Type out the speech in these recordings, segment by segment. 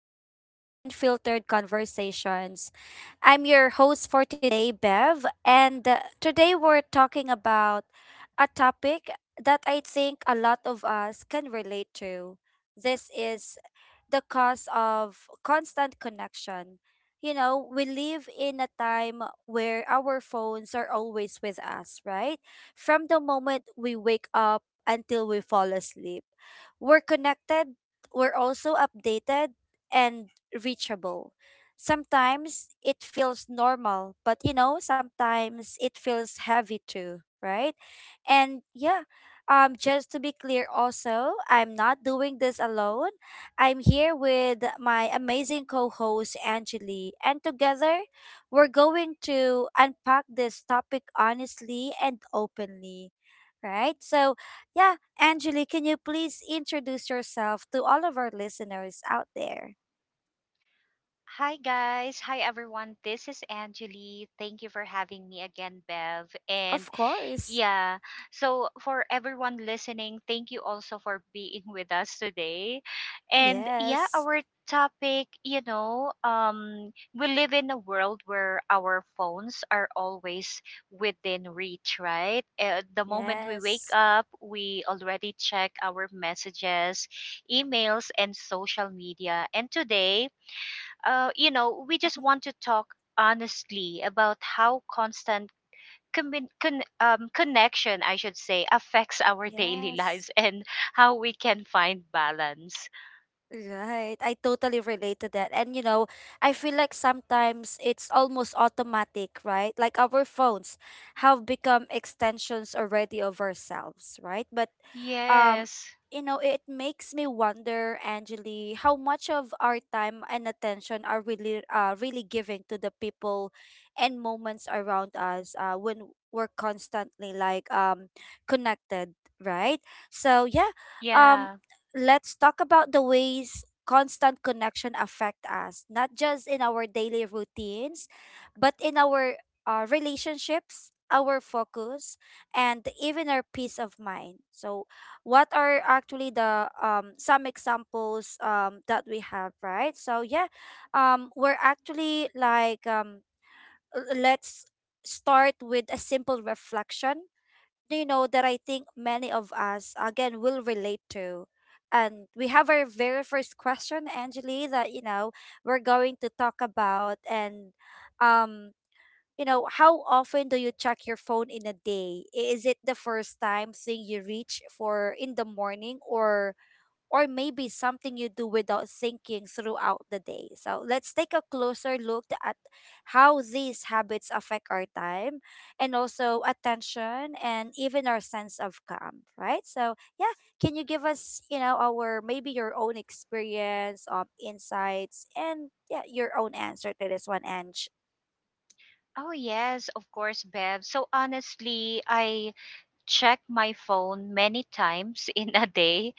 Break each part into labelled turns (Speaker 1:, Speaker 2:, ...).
Speaker 1: back to Unfiltered Conversations. I'm your host for today, Bev, and today we're talking about a topic that I think a lot of us can relate to. This is the cost of constant connection. You know, we live in a time where our phones are always with us, right? From the moment we wake up until we fall asleep, we're connected, we're also updated and reachable. Sometimes it feels normal, but you know, sometimes it feels heavy too, right? And yeah, just to be clear, also, I'm not doing this alone. I'm here with my amazing co host, Angeli, and together we're going to unpack this topic honestly and openly, right? So, yeah, Angeli, can you please introduce yourself to all of our listeners out there?
Speaker 2: Hi guys, hi everyone. This is Anjali. Thank you for having me again, Bev. And
Speaker 1: Of course.
Speaker 2: yeah, so for everyone listening, thank you also for being with us today. And yeah,
Speaker 1: Yes.
Speaker 2: our topic, you know, we live in a world where our phones are always within reach, right? The moment we wake
Speaker 1: Yes.
Speaker 2: up, we already check our messages, emails and social media. And today, you know, we just
Speaker 1: Hmm.
Speaker 2: want to talk honestly about how constant connection, I should say, affects our daily
Speaker 1: Yes.
Speaker 2: lives and how we can find balance.
Speaker 1: Right. I totally relate to that. And you know, I feel like sometimes it's almost automatic, right? Like our phones have become extensions already of ourselves, right? But um
Speaker 2: Yes.
Speaker 1: it makes me wonder, Angeli, how much of our time and attention are really giving to the people and moments around us when we're constantly, like, connected, right? So yeah, um
Speaker 2: Yeah.
Speaker 1: let's talk about the ways constant connection affect us, not just in our daily routines, but in our relationships, our focus, and even our peace of mind. So what are actually the some examples that we have, right? So yeah, we're actually, like, let's start with a simple reflection, you know, that I think many of us again will relate to. And we have our very first question, Angeli, that you know we're going to talk about, and um, how often do you check your phone in a day? Is it the first time thing you reach for in the morning, or maybe something you do without thinking throughout the day. So let's take a closer look at how these habits affect our time and also attention and even our sense of calm, right? So yeah, can you give us, you know, our, maybe your own experience, insights, and yeah, your own answer to this one, Ange?
Speaker 2: Oh, yes, of course, Bev. So honestly, I check my phone many times in a day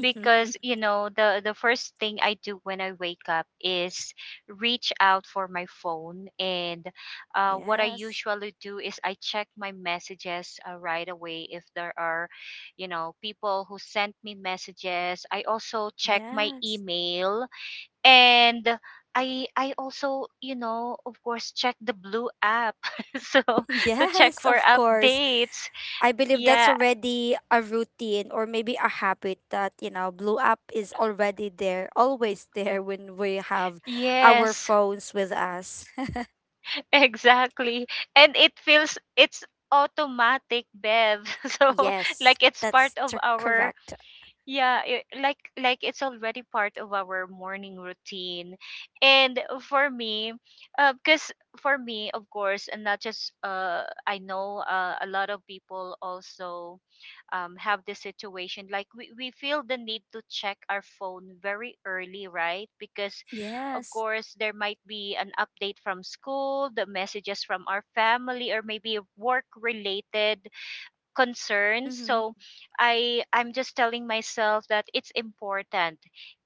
Speaker 2: because you know the first thing I do when I wake up is reach out for my phone, and what I
Speaker 1: Yes.
Speaker 2: usually do is I check my messages right away. If there are, you know, people who sent me messages, I also check my
Speaker 1: Yes.
Speaker 2: email, and I also, you know, of course check the blue app so to check
Speaker 1: Yes,
Speaker 2: for
Speaker 1: of course.
Speaker 2: updates.
Speaker 1: I believe that's
Speaker 2: Yeah,
Speaker 1: already a routine or maybe a habit that, Blue App is already there, always there when we have our
Speaker 2: yes.
Speaker 1: phones with us.
Speaker 2: Exactly. And it feels it's automatic, Bev. So
Speaker 1: Yes,
Speaker 2: like it's part
Speaker 1: that's
Speaker 2: of our,
Speaker 1: correct.
Speaker 2: yeah, like it's already part of our morning routine. And for me, because for me, of course, and not just I know, a lot of people also have this situation. Like we, feel the need to check our phone very early, right? Because of
Speaker 1: Yes.
Speaker 2: course there might be an update from school, the messages from our family, or maybe work related concerns.
Speaker 1: Mm-hmm.
Speaker 2: So I'm just telling myself that it's important,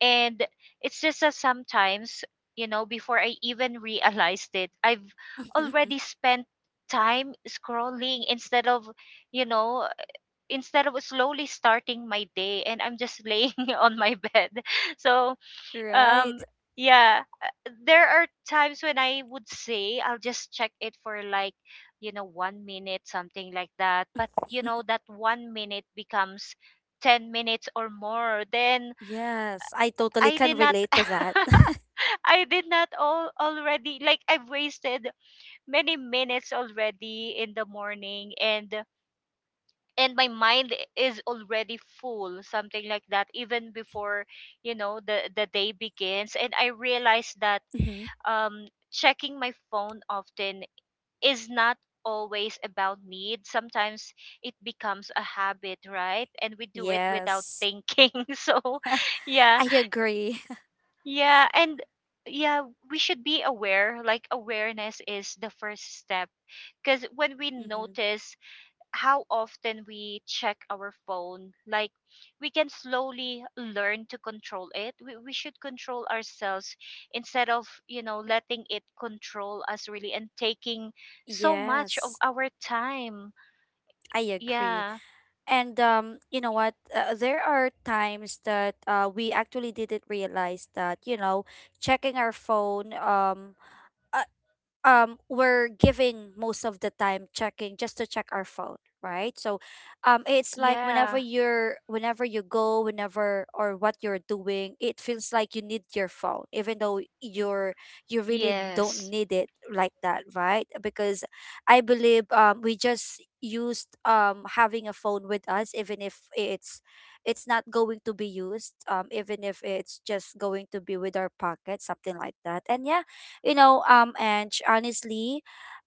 Speaker 2: and it's just that sometimes, you know, before I even realized it, I've already spent time scrolling instead of, you know, instead of slowly starting my day, and I'm just laying on my bed. So,
Speaker 1: Right.
Speaker 2: um yeah, there are times when I would say I'll just check it for like, you know, 1 minute, something like that, but you know that 1 minute becomes 10 minutes or more. Then
Speaker 1: Yes, I totally
Speaker 2: I
Speaker 1: can
Speaker 2: did not
Speaker 1: relate to that.
Speaker 2: I did not all already, like, I've wasted many minutes already in the morning, and my mind is already full, something like that, even before, you know, the day begins. And I realized that
Speaker 1: Hmm.
Speaker 2: checking my phone often is not always about need. Sometimes it becomes a habit, right? And we do it without
Speaker 1: Yes,
Speaker 2: thinking. So yeah.
Speaker 1: I agree.
Speaker 2: Yeah. And yeah, we should be aware, like awareness is the first step, because when we
Speaker 1: Hmm.
Speaker 2: notice how often we check our phone, like, we can slowly learn to control it. We, should control ourselves instead of, you know, letting it control us really and taking so much of
Speaker 1: Yes,
Speaker 2: our time.
Speaker 1: I agree.
Speaker 2: Yeah.
Speaker 1: And you know what? There are times that we actually didn't realize that, checking our phone, uh, we're giving most of the time checking just to check our phone, right? So it's like whenever
Speaker 2: Yeah.
Speaker 1: you're, whenever, or what you're doing, it feels like you need your phone, even though you really don't
Speaker 2: Yes.
Speaker 1: need it, like that, right? Because I believe we just used, having a phone with us, even if it's not going to be used, even if it's just going to be with our pocket, something like that. And yeah, you know, and honestly,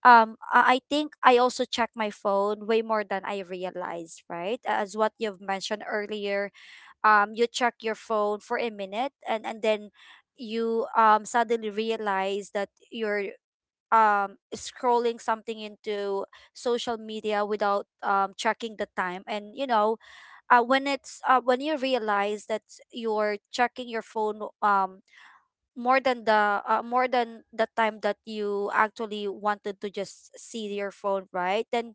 Speaker 1: I think I also check my phone way more than I realized, right? As what you've mentioned earlier, you check your phone for a minute, and then you suddenly realize that you're scrolling something into social media without checking the time. And when you realize that you're checking your phone more than the, more than the time that you actually wanted to just see your phone, right? Then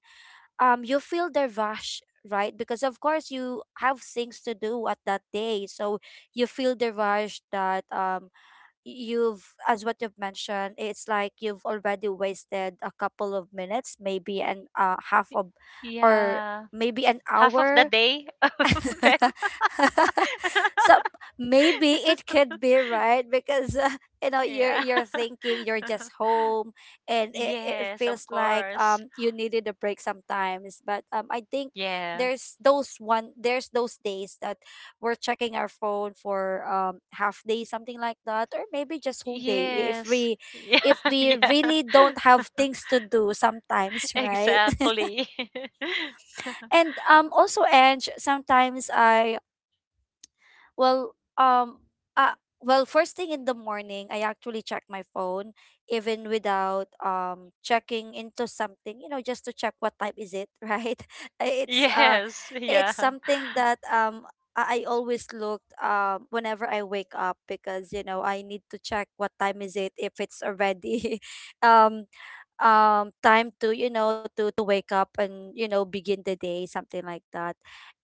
Speaker 1: you feel the rush, right? Because of course you have things to do at that day, so you feel the rush that you've as what you've mentioned, it's like you've already wasted a couple of minutes, maybe an half of, or
Speaker 2: Yeah,
Speaker 1: maybe an
Speaker 2: half of the
Speaker 1: hour.
Speaker 2: day. Bev.
Speaker 1: So maybe it could be, right? Because you're
Speaker 2: Yeah.
Speaker 1: you're thinking you're just home, and it
Speaker 2: Yes, of
Speaker 1: feels like
Speaker 2: course.
Speaker 1: you needed a break sometimes. But I think
Speaker 2: Yeah.
Speaker 1: there's those days that we're checking our phone for half day, something like that, or maybe just whole day if
Speaker 2: Yes.
Speaker 1: we
Speaker 2: Yeah,
Speaker 1: if we
Speaker 2: yeah.
Speaker 1: really don't have things to do sometimes, right?
Speaker 2: Exactly.
Speaker 1: And also, Ange, sometimes Well, um, uh, well, first thing in the morning, I actually check my phone, even without checking into something, you know, just to check what time is it, right? It's uh,
Speaker 2: Yes, yeah.
Speaker 1: it's something that I always look, whenever I wake up, because I need to check what time is it, if it's already, um, time to, to wake up, and begin the day, something like that.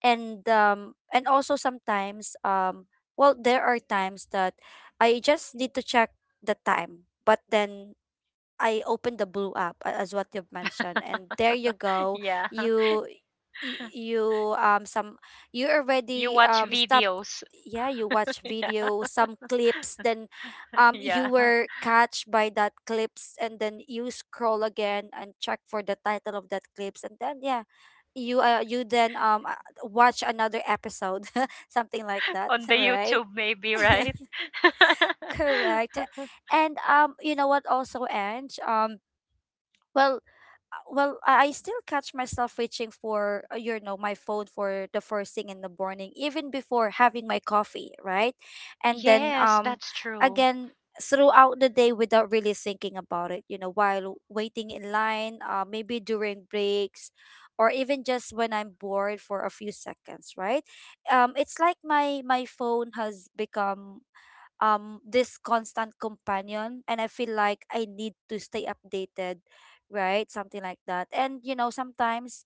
Speaker 1: And also sometimes, well, there are times that I just need to check the time, but then I opened the blue app, as what you've mentioned, and there you go.
Speaker 2: Yeah.
Speaker 1: You you some you
Speaker 2: You
Speaker 1: already
Speaker 2: watch
Speaker 1: stop.
Speaker 2: videos.
Speaker 1: Yeah, you watch
Speaker 2: Yeah.
Speaker 1: video, some clips, then you
Speaker 2: Yeah.
Speaker 1: were catched by that clips, and then you scroll again and check for the title of that clips, and then yeah, you then watch another episode, something like that,
Speaker 2: On the
Speaker 1: right?
Speaker 2: YouTube maybe, right?
Speaker 1: Correct. And you know what? Also, Ange, Well, well, I still catch myself reaching for, my phone for the first thing in the morning, even before having my coffee, right? And then,
Speaker 2: Yes, that's true.
Speaker 1: again, throughout the day without really thinking about it, while waiting in line, maybe during breaks, or even just when I'm bored for a few seconds, right? It's like my phone has become this constant companion, and I feel like I need to stay updated, right? Something like that. And you know, sometimes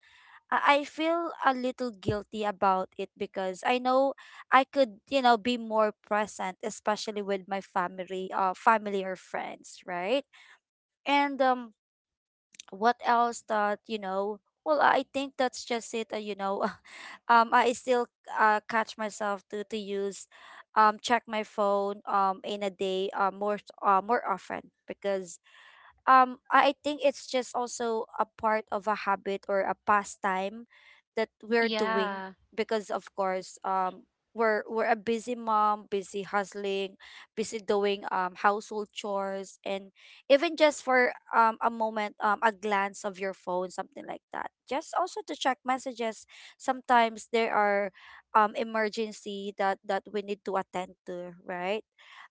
Speaker 1: I feel a little guilty about it, because I know I could, be more present, especially with my family or friends, right? And what else that well, I think that's just it, I still, catch myself to use check my phone in a day, more often, because I think it's just also a part of a habit or a pastime that we're doing.
Speaker 2: Yeah.
Speaker 1: Because of course we're a busy mom, busy hustling, busy doing household chores, and even just for a moment, a glance of your phone, something like that. Just also to check messages. Sometimes there are emergency that we need to attend to, right?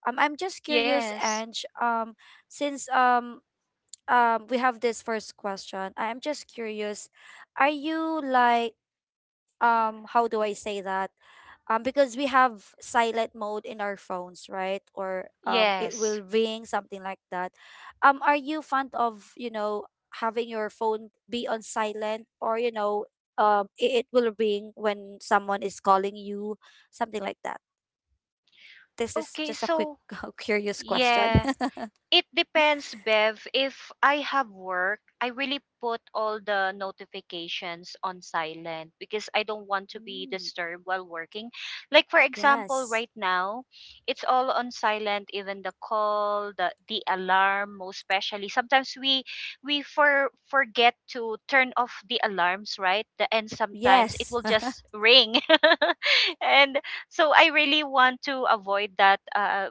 Speaker 1: I'm just curious,
Speaker 2: Yes.
Speaker 1: Ange, since we have this first question. I am just curious, are you, like, how do I say that? Because we have silent mode in our phones, right? Or it
Speaker 2: Yes.
Speaker 1: will ring, something like that. Are you fond of, having your phone be on silent, or it will ring when someone is calling you, something like that. This is
Speaker 2: Okay,
Speaker 1: just a quick
Speaker 2: so
Speaker 1: curious question.
Speaker 2: yeah. It depends, Bev. If I have work, I really put all the notifications on silent because I don't want to be
Speaker 1: Mm.
Speaker 2: disturbed while working. Like for example,
Speaker 1: Yes.
Speaker 2: right now, it's all on silent, even the call, the alarm, most especially. Sometimes we forget to turn off the alarms, right? The, and Sometimes it
Speaker 1: Yes.
Speaker 2: will just ring. And so I really want to avoid that,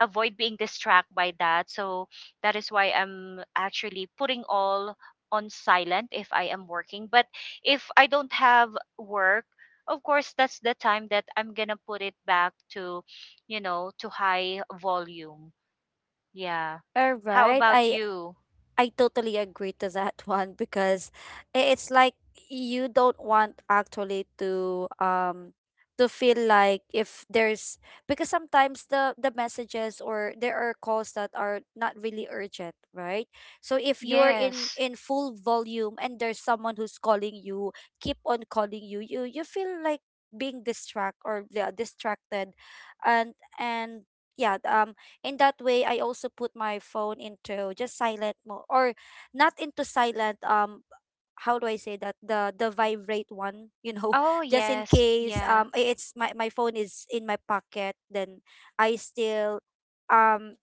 Speaker 2: avoid being distracted by that. So that is why I'm actually putting all on silent if I am working. But if I don't have work, of course that's the time that I'm going to put it back to, you know, to high volume. Yeah.
Speaker 1: All
Speaker 2: How
Speaker 1: right.
Speaker 2: about
Speaker 1: I
Speaker 2: you?
Speaker 1: I totally agree to that, one, because it's like you don't want actually to feel like, if there's because sometimes the messages, or there are calls that are not really urgent, right? So if you're in
Speaker 2: Yes.
Speaker 1: in full volume, and there's someone who's calling you, keep on calling you, you feel like being distract, or yeah, distracted, and and yeah, in that way I also put my phone into just silent mode, or not into silent, how do I say that, the vibrate one,
Speaker 2: Oh,
Speaker 1: just in
Speaker 2: yes.
Speaker 1: case
Speaker 2: Yeah.
Speaker 1: it's my phone is in my pocket, then i still um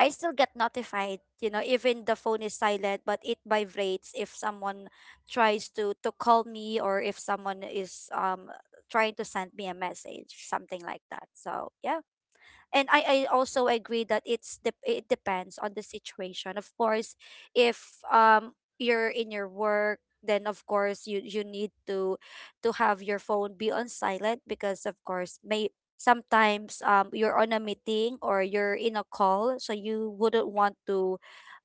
Speaker 1: I still get notified, even the phone is silent, but it vibrates if someone tries to call me, or if someone is trying to send me a message, something like that. So yeah, and I also agree that it's it depends on the situation. Of course, if you're in your work, then of course you need to have your phone be on silent because of course may sometimes you're on a meeting or you're in a call, so you wouldn't want to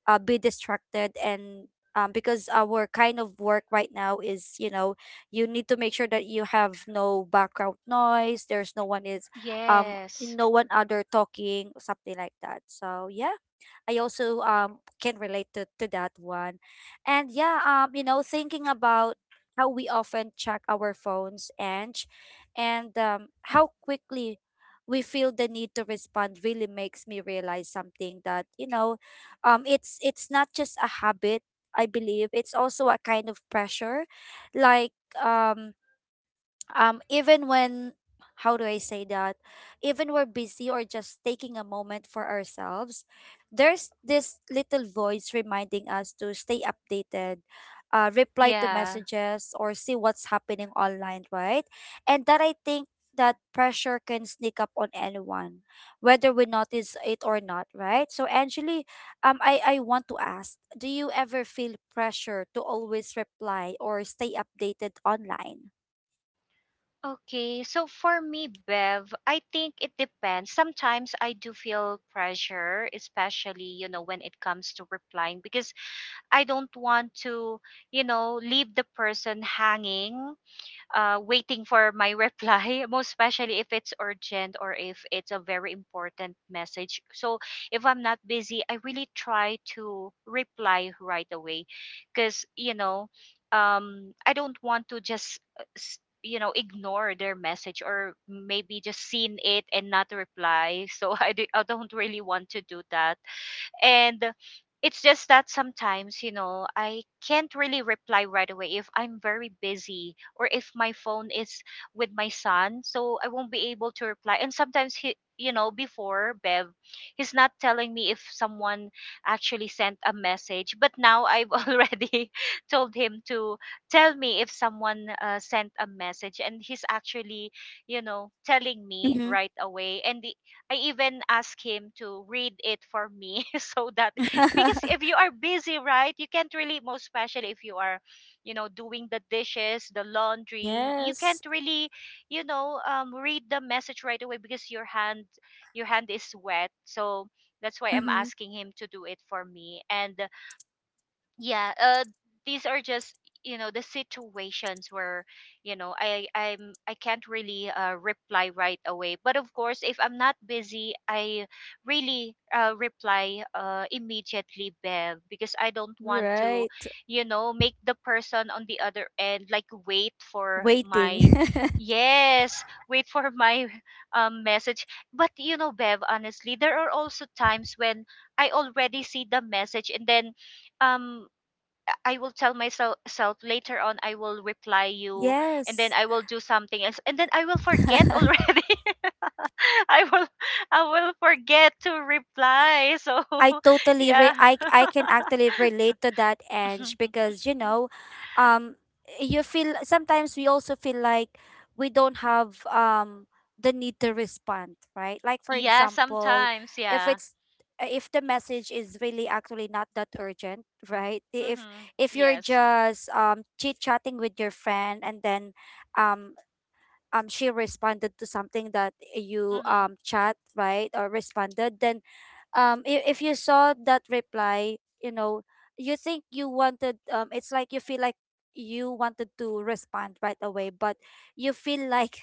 Speaker 1: be distracted and because our kind of work right now is, you know, you need to make sure that you have no background noise, there's no one is um
Speaker 2: Yes.
Speaker 1: no one other talking, something like that, so yeah, I also can relate to that one. And yeah, you know, thinking about how we often check our phones and and how quickly we feel the need to respond really makes me realize something that, you know, it's not just a habit, I believe it's also a kind of pressure. Like um even when, how do I say that, even we're busy or just taking a moment for ourselves, there's this little voice reminding us to stay updated, reply to
Speaker 2: Yeah.
Speaker 1: messages or see what's happening online, right? And that I think, that pressure can sneak up on anyone whether we notice it or not, right? So actually, I want to ask, do you ever feel pressure to always reply or stay updated online?
Speaker 2: Okay, so for me, Bev, I think it depends. Sometimes I do feel pressure, especially, you know, when it comes to replying, because I don't want to, you know, leave the person hanging, waiting for my reply, most especially if it's urgent or if it's a very important message. So if I'm not busy, I really try to reply right away because, you know, I don't want to just, you know, ignore their message or maybe just seen it and not reply. So I don't really want to do that. And it's just that sometimes, you know, I can't really reply right away if I'm very busy or if my phone is with my son. So I won't be able to reply. And sometimes he, you know, before Bev, he's not telling me if someone actually sent a message. But now I've already told him to tell me if someone sent a message. And he's actually, you know, telling me right away. And the I even asked him to read it for me, so that because if you are busy, right, you can't really, most especially if you are, you know, doing the dishes, the laundry, you can't
Speaker 1: Yes.
Speaker 2: really, you know, read the message right away because your hand is wet. So that's why I'm
Speaker 1: Mm-hmm.
Speaker 2: asking him to do it for me. And yeah, these are just, you know, the situations where, you know, I can't really reply right away. But of course if I'm not busy, I really reply immediately, Bev, because I don't want to,
Speaker 1: Right.
Speaker 2: you know, make the person on the other end like wait for
Speaker 1: Waiting.
Speaker 2: my yes wait for my message. But you know, Bev, honestly, there are also times when I already see the message, and then um I will tell myself, self later on I will reply you, and then
Speaker 1: Yes.
Speaker 2: I will do something else, and then I will forget already. I will I will forget to reply. So yeah.
Speaker 1: I can actually relate to that, Ange, because you know, um, you feel sometimes we also feel like we don't have the need to respond, right? Like for
Speaker 2: Yeah,
Speaker 1: example,
Speaker 2: sometimes,
Speaker 1: if
Speaker 2: yeah.
Speaker 1: it's if the message is really actually not that urgent, right?
Speaker 2: Mhm.
Speaker 1: If you're
Speaker 2: Yes.
Speaker 1: just chit chatting with your friend and then um she responded to something that you
Speaker 2: Mhm.
Speaker 1: chat, right, or responded, then if you saw that reply, you know, you think you wanted it's like you feel like you wanted to respond right away but you feel like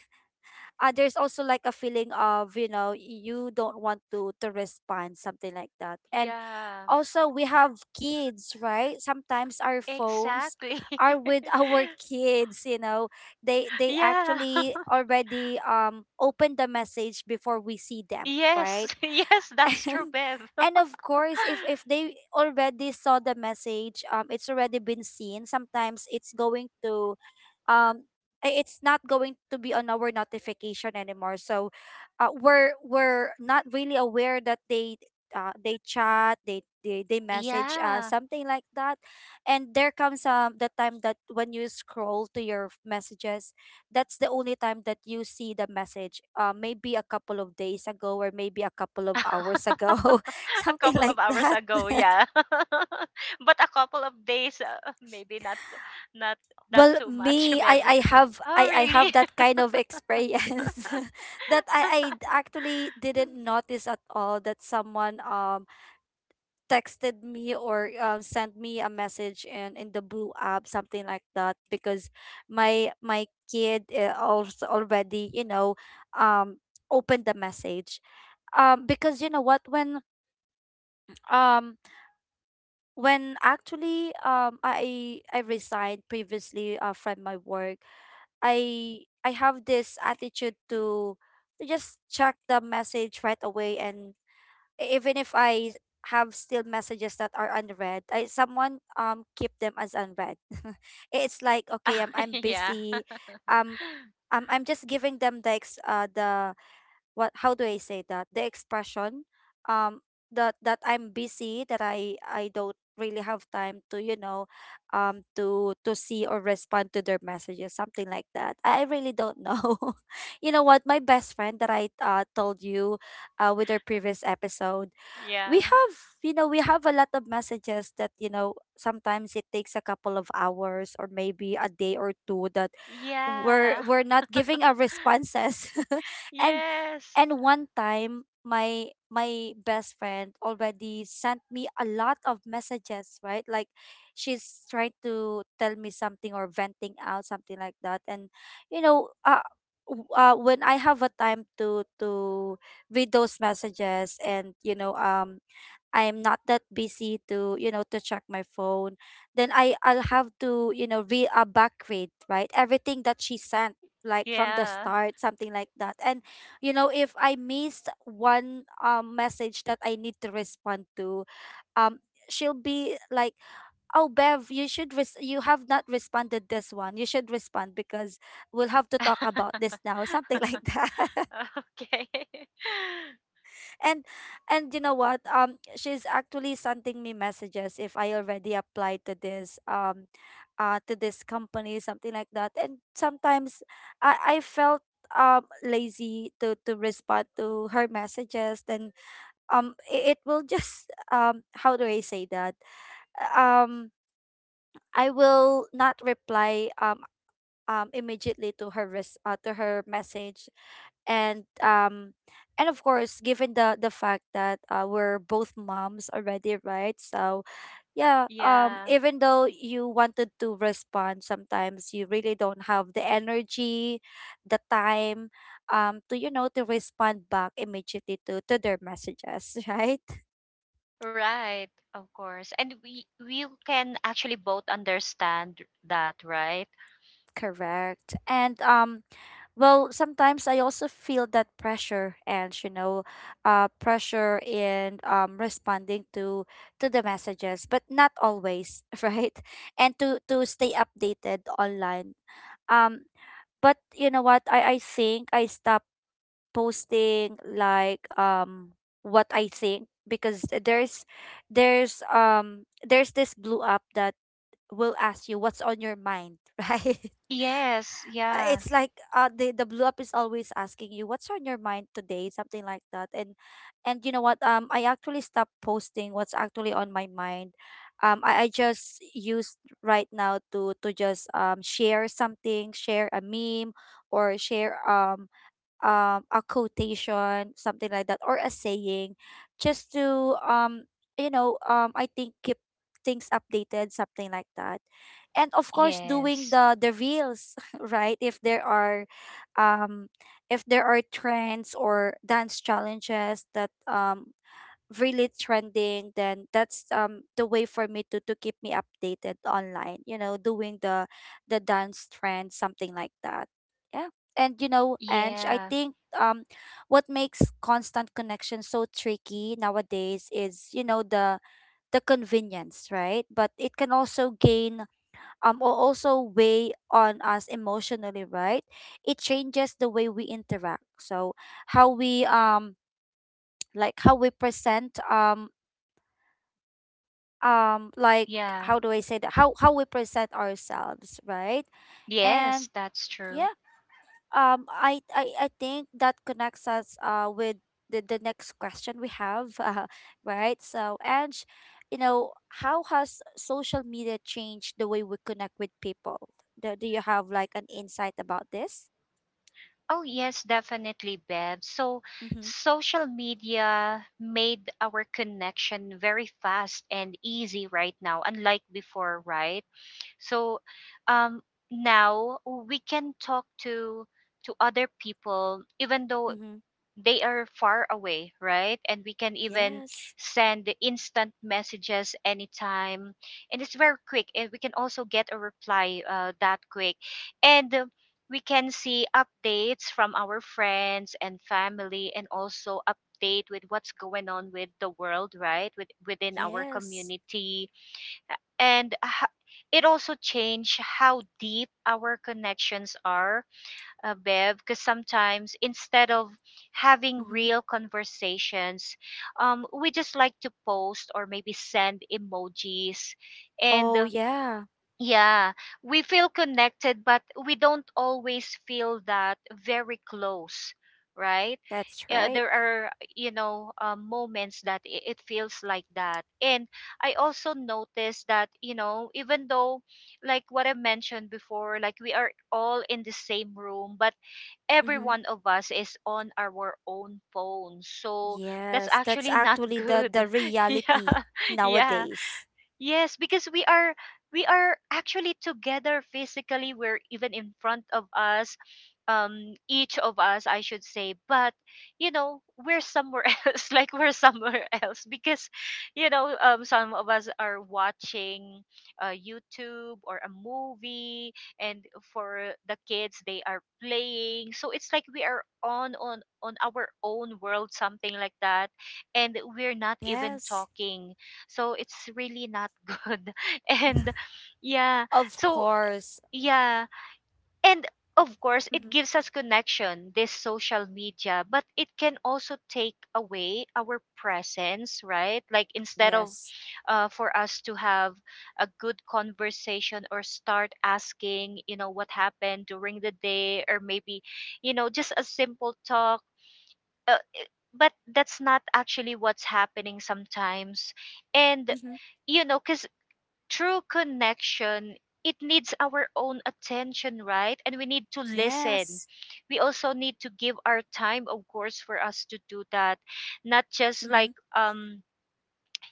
Speaker 1: there's also like a feeling of, you know, you don't want to respond, something like that. And
Speaker 2: Yeah.
Speaker 1: also we have kids, right? Sometimes our phones
Speaker 2: Exactly.
Speaker 1: are with our kids, you know, they
Speaker 2: Yeah.
Speaker 1: actually already open the message before we see them,
Speaker 2: Yes.
Speaker 1: right?
Speaker 2: Yes, that's true,
Speaker 1: and
Speaker 2: Bev.
Speaker 1: and of course if they already saw the message, it's already been seen, sometimes it's going to um it's not going to be on our notification anymore, so we're not really aware that they chat, they, they message us,
Speaker 2: Yeah.
Speaker 1: something like that. And there comes the time that when you scroll to your messages, that's the only time that you see the message, maybe a couple of days ago or maybe a couple of hours ago,
Speaker 2: A
Speaker 1: something
Speaker 2: couple of
Speaker 1: like
Speaker 2: hours
Speaker 1: that.
Speaker 2: ago, yeah. But a couple of days, maybe not not that
Speaker 1: Well,
Speaker 2: too much,
Speaker 1: me, i
Speaker 2: babe.
Speaker 1: i have
Speaker 2: Oh,
Speaker 1: I
Speaker 2: really?
Speaker 1: have that kind of experience that I actually didn't notice at all that someone texted me or sent me a message in the blue app, something like that, because my kid also already, you know, um opened the message, because you know what, um when actually I resigned previously from my work, I have this attitude to just check the message right away. And even if I have still messages that are unread, I someone keep them as unread. It's like, okay,
Speaker 2: Ah,
Speaker 1: I'm
Speaker 2: yeah.
Speaker 1: busy. um I'm just giving them the the, what, how do I say that, the expression um that that I'm busy, that I don't really have time to, you know, to see or respond to their messages, something like that. I really don't know, you know what, my best friend that I told you with our previous episode, we
Speaker 2: Yeah.
Speaker 1: have, you know, we have a lot of messages that, you know, sometimes it takes a couple of hours or maybe a day or two that we're
Speaker 2: Yeah.
Speaker 1: we're not giving our responses. and
Speaker 2: Yes.
Speaker 1: and one time, my best friend already sent me a lot of messages, right? Like she's trying to tell me something or venting out, something like that. And you know, when I have a time to read those messages and you know, I'm not that busy to, you know, to check my phone, then I I'll have to, you know, re back read, right? Everything that she sent, like from the
Speaker 2: Yeah.
Speaker 1: start, something like that. And, you know, if I missed one message that I need to respond to, um, she'll be like, oh Bev, you should you have not responded this one, you should respond because we'll have to talk about this now, something like that.
Speaker 2: Okay.
Speaker 1: and and you know what, she's actually sending me messages if I already applied to this company, something like that. And sometimes I felt lazy to respond to her messages. Then it, it will just how do I say that, um I will not reply immediately to her to her message. And and of course given the fact that we're both moms already, right? So yeah,
Speaker 2: Yeah.
Speaker 1: even though you wanted to respond, sometimes you really don't have the energy, the time, to, you know, to respond back immediately to their messages, right?
Speaker 2: Right. Of course. And we can actually both understand that, right?
Speaker 1: Correct. And well, sometimes I also feel that pressure and you know, pressure in responding to the messages, but not always, right? And to stay updated online. Um, but you know what? I think I stopped posting like what I think because there's this blue app that will ask you what's on your mind, right?
Speaker 2: Yes. Yeah.
Speaker 1: It's like the blue up is always asking you what's on your mind today, something like that. And you know what, I actually stopped posting what's actually on my mind. I just use right now to just share something, share a meme, or share a quotation, something like that, or a saying, just to you know, I think keep things updated, something like that. And of course doing
Speaker 2: Yes.
Speaker 1: the reels, right? If there are um if there are trends or dance challenges that really trending, then that's the way for me to keep me updated online, you know, doing the dance trend, something like that. Yeah. And you know, and I
Speaker 2: Yeah,
Speaker 1: think what makes constant connection so tricky nowadays is, you know, the convenience, right? But it can also gain or also weigh on us emotionally, right? It changes the way we interact, so how we like how we present like
Speaker 2: yeah.
Speaker 1: how do I say that, how we present ourselves, right? And
Speaker 2: Yes, that's true.
Speaker 1: yeah, I I think that connects us with the next question we have. Right, so and you know, how has social media changed the way we connect with people? Do, do you have like an insight about this?
Speaker 2: Oh, yes, definitely, Bev. So,
Speaker 1: Mm-hmm.
Speaker 2: social media made our connection very fast and easy right now, unlike before, right? So, um, now we can talk to other people, even though
Speaker 1: Mm-hmm.
Speaker 2: they are far away, right? And we can even
Speaker 1: Yes.
Speaker 2: send the instant messages anytime. And it's very quick. And we can also get a reply that quick. And we can see updates from our friends and family and also update with what's going on with the world, right? With, within our
Speaker 1: Yes.
Speaker 2: community. And it also changed how deep our connections are, Bev, because sometimes instead of having
Speaker 1: Mm-hmm.
Speaker 2: real conversations, we just like to post or maybe send emojis. And
Speaker 1: Oh yeah.
Speaker 2: yeah, we feel connected, but we don't always feel that very close, right?
Speaker 1: That's right.
Speaker 2: There are, you know, moments that it feels like that. And I also noticed that, you know, even though, like what I mentioned before, like we are all in the same room, but every
Speaker 1: Mm-hmm.
Speaker 2: one of us is on our own phone. So that's
Speaker 1: Yes, that's
Speaker 2: actually not
Speaker 1: actually the
Speaker 2: good.
Speaker 1: reality
Speaker 2: Yeah. Yeah.
Speaker 1: nowadays.
Speaker 2: Yes, because we are actually together physically. We're even in front of us, each of us, I should say. But you know, we're somewhere else. Like we're somewhere else because, you know, some of us are watching, YouTube or a movie, and for the kids, they are playing. So it's like we are on our own world, something like that, and we're not even
Speaker 1: Yes,
Speaker 2: talking, so it's really not good. And yeah,
Speaker 1: of
Speaker 2: so
Speaker 1: course.
Speaker 2: yeah. And of course, it
Speaker 1: Mm-hmm.
Speaker 2: gives us connection, this social media, but it can also take away our presence, right? Like instead of,
Speaker 1: Yes.
Speaker 2: for us to have a good conversation or start asking, you know, what happened during the day, or maybe, you know, just a simple talk. Uh, but that's not actually what's happening sometimes. And
Speaker 1: Mm-hmm.
Speaker 2: you know, because true connection, it needs our own attention, right? And we need to listen.
Speaker 1: Yes.
Speaker 2: We also need to give our time, of course, for us to do that, not just
Speaker 1: Mm-hmm.
Speaker 2: like,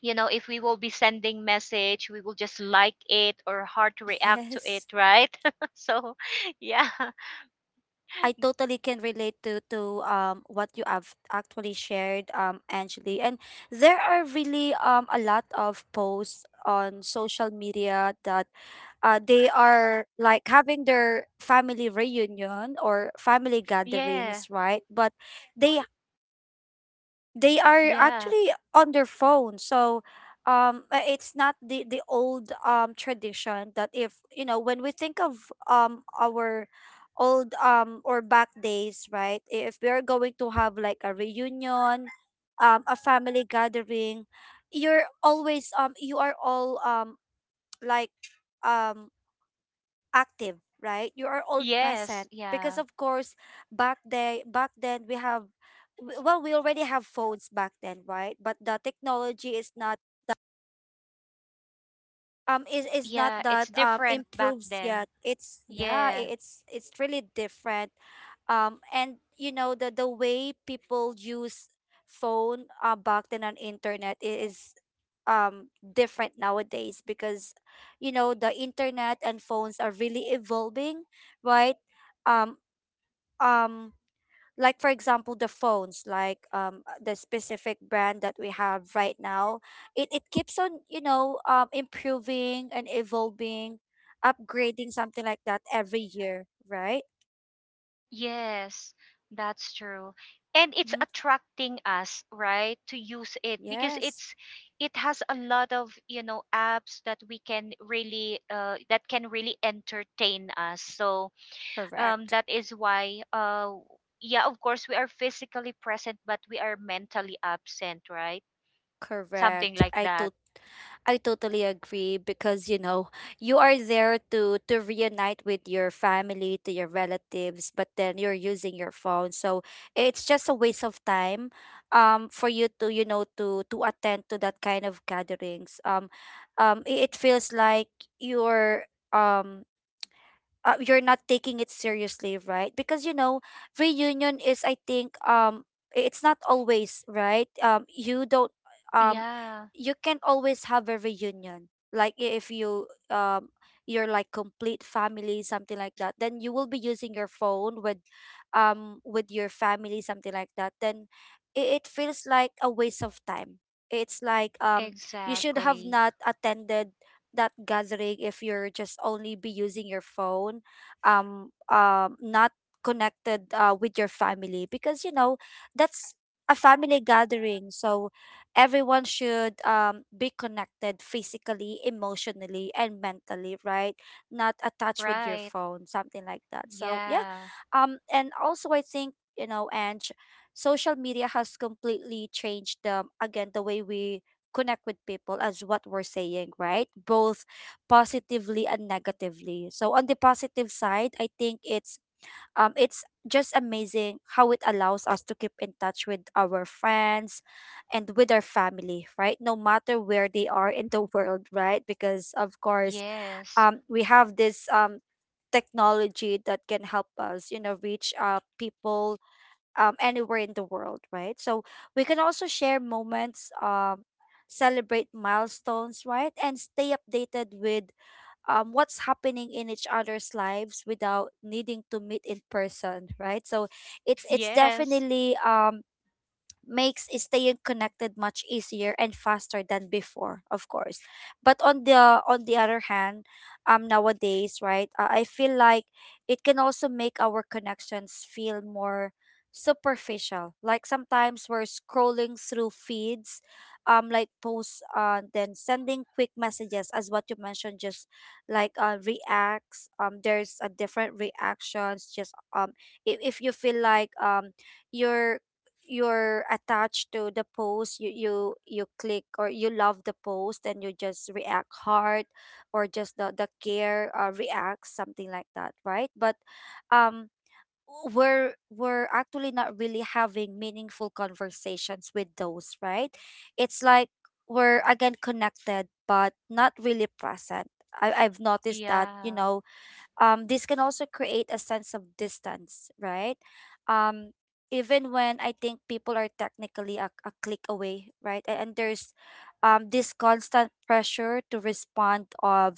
Speaker 2: you know, if we will be sending message, we will just like it or hard to react to it,
Speaker 1: Yes.
Speaker 2: right? So yeah.
Speaker 1: I totally can relate to what you have actually shared, Angeli. And there are really a lot of posts on social media that they are like having their family reunion or family
Speaker 2: Yeah.
Speaker 1: gatherings, right? But they they are
Speaker 2: Yeah.
Speaker 1: actually on their phone, so it's not the the old tradition that, if you know, when we think of our old or back days, right, if we are going to have like a reunion, a family gathering, you're always you are all like um active, right? You are all
Speaker 2: Yes.
Speaker 1: present because
Speaker 2: Yeah.
Speaker 1: of course back day back then we have well, we already have phones back then, right? But the technology is not is is not
Speaker 2: Yeah, it's
Speaker 1: that
Speaker 2: different back
Speaker 1: improves
Speaker 2: then.
Speaker 1: yet, it's yeah,
Speaker 2: Yeah.
Speaker 1: it's really different. And you know, the way people use phone back then on internet is different nowadays because, you know, the internet and phones are really evolving, right? um um like for example the phones, like the specific brand that we have right now, it keeps on, you know, improving and evolving, upgrading, something like that, every year, right?
Speaker 2: Yes, that's true. And it's
Speaker 1: Hmm.
Speaker 2: attracting us, right, to use it because
Speaker 1: Yes.
Speaker 2: it's it has a lot of, you know, apps that we can really that can really entertain us. So,
Speaker 1: Correct.
Speaker 2: that is why yeah, of course we are physically present but we are mentally absent, right? Something
Speaker 1: Correct.
Speaker 2: like that.
Speaker 1: I totally agree because, you know, you are there to reunite with your family, to your relatives, but then you're using your phone, so it's just a waste of time, for you to, you know, to attend to that kind of gatherings. It feels like you're um you're not taking it seriously, right? Because you know, reunion is I think it's not always, right? Um, you don't um
Speaker 2: Yeah,
Speaker 1: you can't always have a reunion. Like if you you're like complete family, something like that, then you will be using your phone with your family, something like that. Then it feels like a waste of time. It's like you should have
Speaker 2: exactly.
Speaker 1: not attended that gathering if you're just only be using your phone not connected with your family because you know that's a family gathering. So everyone should be connected physically, emotionally and mentally, right? Not attached with your
Speaker 2: Right.
Speaker 1: phone something like that, so yeah.
Speaker 2: Yeah.
Speaker 1: And also I think, you know, and social media has completely changed, again, the way we connect with people as what we're saying, right? Both positively and negatively. So on the positive side, I think it's just amazing how it allows us to keep in touch with our friends and with our family, right? No matter where they are in the world, right? Because of course,
Speaker 2: Yes.
Speaker 1: we have this technology that can help us, you know, reach people anywhere in the world, right? So we can also share moments, celebrate milestones, right? And stay updated with what's happening in each other's lives without needing to meet in person, right? So it's
Speaker 2: Yes.
Speaker 1: definitely makes staying connected much easier and faster than before, of course. But on the other hand, nowadays, right, I feel like it can also make our connections feel more superficial. Like sometimes we're scrolling through feeds, like posts, then sending quick messages as what you mentioned, just like reacts. There's a different reactions. Just if you feel like you're you're attached to the post, you you click or you love the post and you just react hard, or just the care, reacts something like that, right? But um we're actually not really having meaningful conversations with those, right? It's like we're again connected but not really present. I've noticed that, you
Speaker 2: Yeah.
Speaker 1: know. This can also create a sense of distance, right? Um, Even when I think people are technically a click away, right? And there's this constant pressure to respond of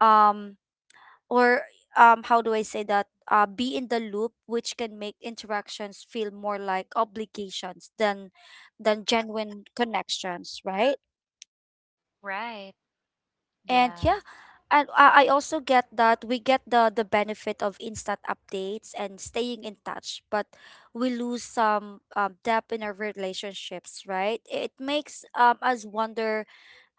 Speaker 1: um, or how do I say that? Be in the loop, which can make interactions feel more like obligations than genuine connections, right?
Speaker 2: Right.
Speaker 1: And
Speaker 2: Yeah,
Speaker 1: yeah, and I also get that we get the benefit of instant updates and staying in touch, but we lose some depth in our relationships, right? It makes us wonder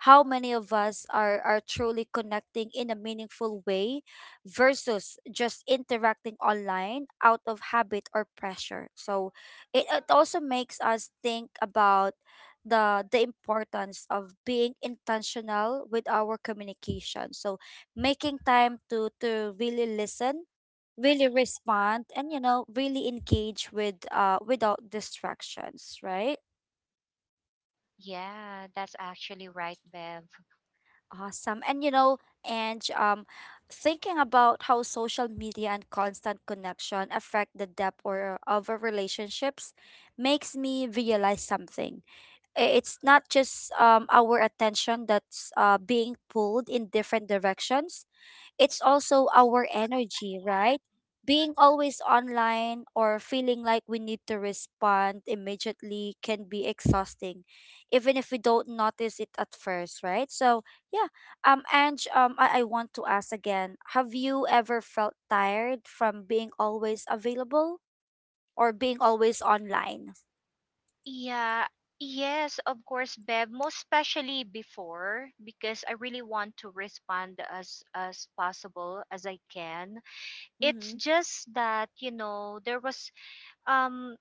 Speaker 1: how many of us are truly connecting in a meaningful way versus just interacting online out of habit or pressure. So it also makes us think about the importance of being intentional with our communication. So making time to really listen, really respond, and you know, really engage with without distractions, right?
Speaker 2: yeah, that's actually right, Bev.
Speaker 1: Awesome. And you know, and thinking about how social media and constant connection affect the depth or of our relationships makes me realize something. I- it's not just our attention that's being pulled in different directions. It's also our energy, right? Being always online or feeling like we need to respond immediately can be exhausting even if we don't notice it at first, right? So yeah. Ange, I want to ask again, have you ever felt tired from being always available or being always online?
Speaker 2: Yeah, yes, of course, Bev, most especially before, because I really want to respond as possible as I can. It's
Speaker 1: Mm-hmm.
Speaker 2: just that, there was um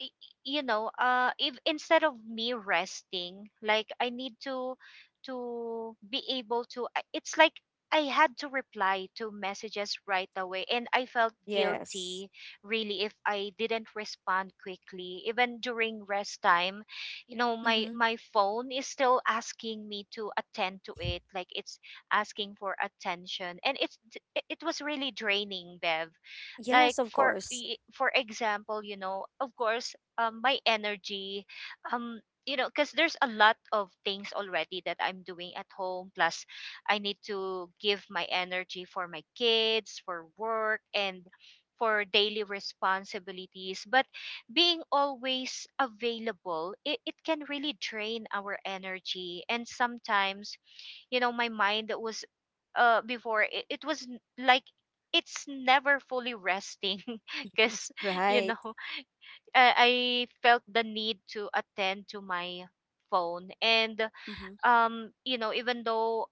Speaker 2: y- you know if instead of me resting like I need to be able to it's like I had to reply to messages right away and I felt
Speaker 1: Yes.
Speaker 2: guilty really if I didn't respond quickly even during rest time. You know, my
Speaker 1: Mm-hmm.
Speaker 2: phone is still asking me to attend to it, like it's asking for attention, and it was really draining, Bev. Like
Speaker 1: Yes, of
Speaker 2: for
Speaker 1: course.
Speaker 2: for example, of course my energy, you know, because there's a lot of things already that I'm doing at home, plus I need to give my energy for my kids, for work, and for daily responsibilities. But being always available, it can really drain our energy, and sometimes, you know, my mind that was before it was like it's never fully resting because, you
Speaker 1: Right.
Speaker 2: know, I felt the need to attend to my phone. And
Speaker 1: Mm-hmm.
Speaker 2: you know, even though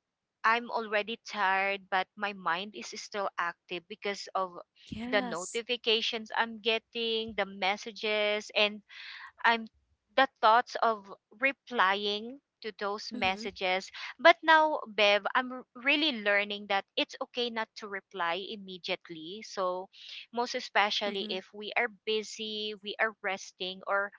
Speaker 2: I'm already tired, but my mind is still active because of the
Speaker 1: Yes.
Speaker 2: notifications I'm getting, the messages, and I'm the thoughts of replying to those
Speaker 1: Mm-hmm.
Speaker 2: messages. But now, Bev, I'm really learning that it's okay not to reply immediately. So, most especially
Speaker 1: Mm-hmm.
Speaker 2: if we are busy, we are resting, or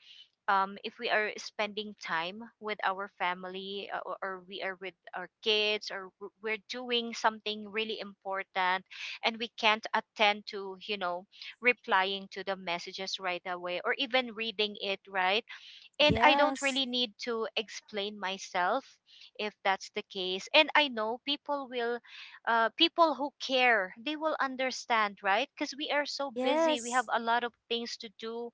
Speaker 2: if we are spending time with our family, or we are with our kids, or we're doing something really important, and we can't attend to, you know, replying to the messages right away, or even reading it, right? And I don't
Speaker 1: Yes.
Speaker 2: really need to explain myself if that's the case. And I know people will, people who care, they will understand, right? Because we are so busy, we
Speaker 1: Yes.
Speaker 2: have a lot of things to do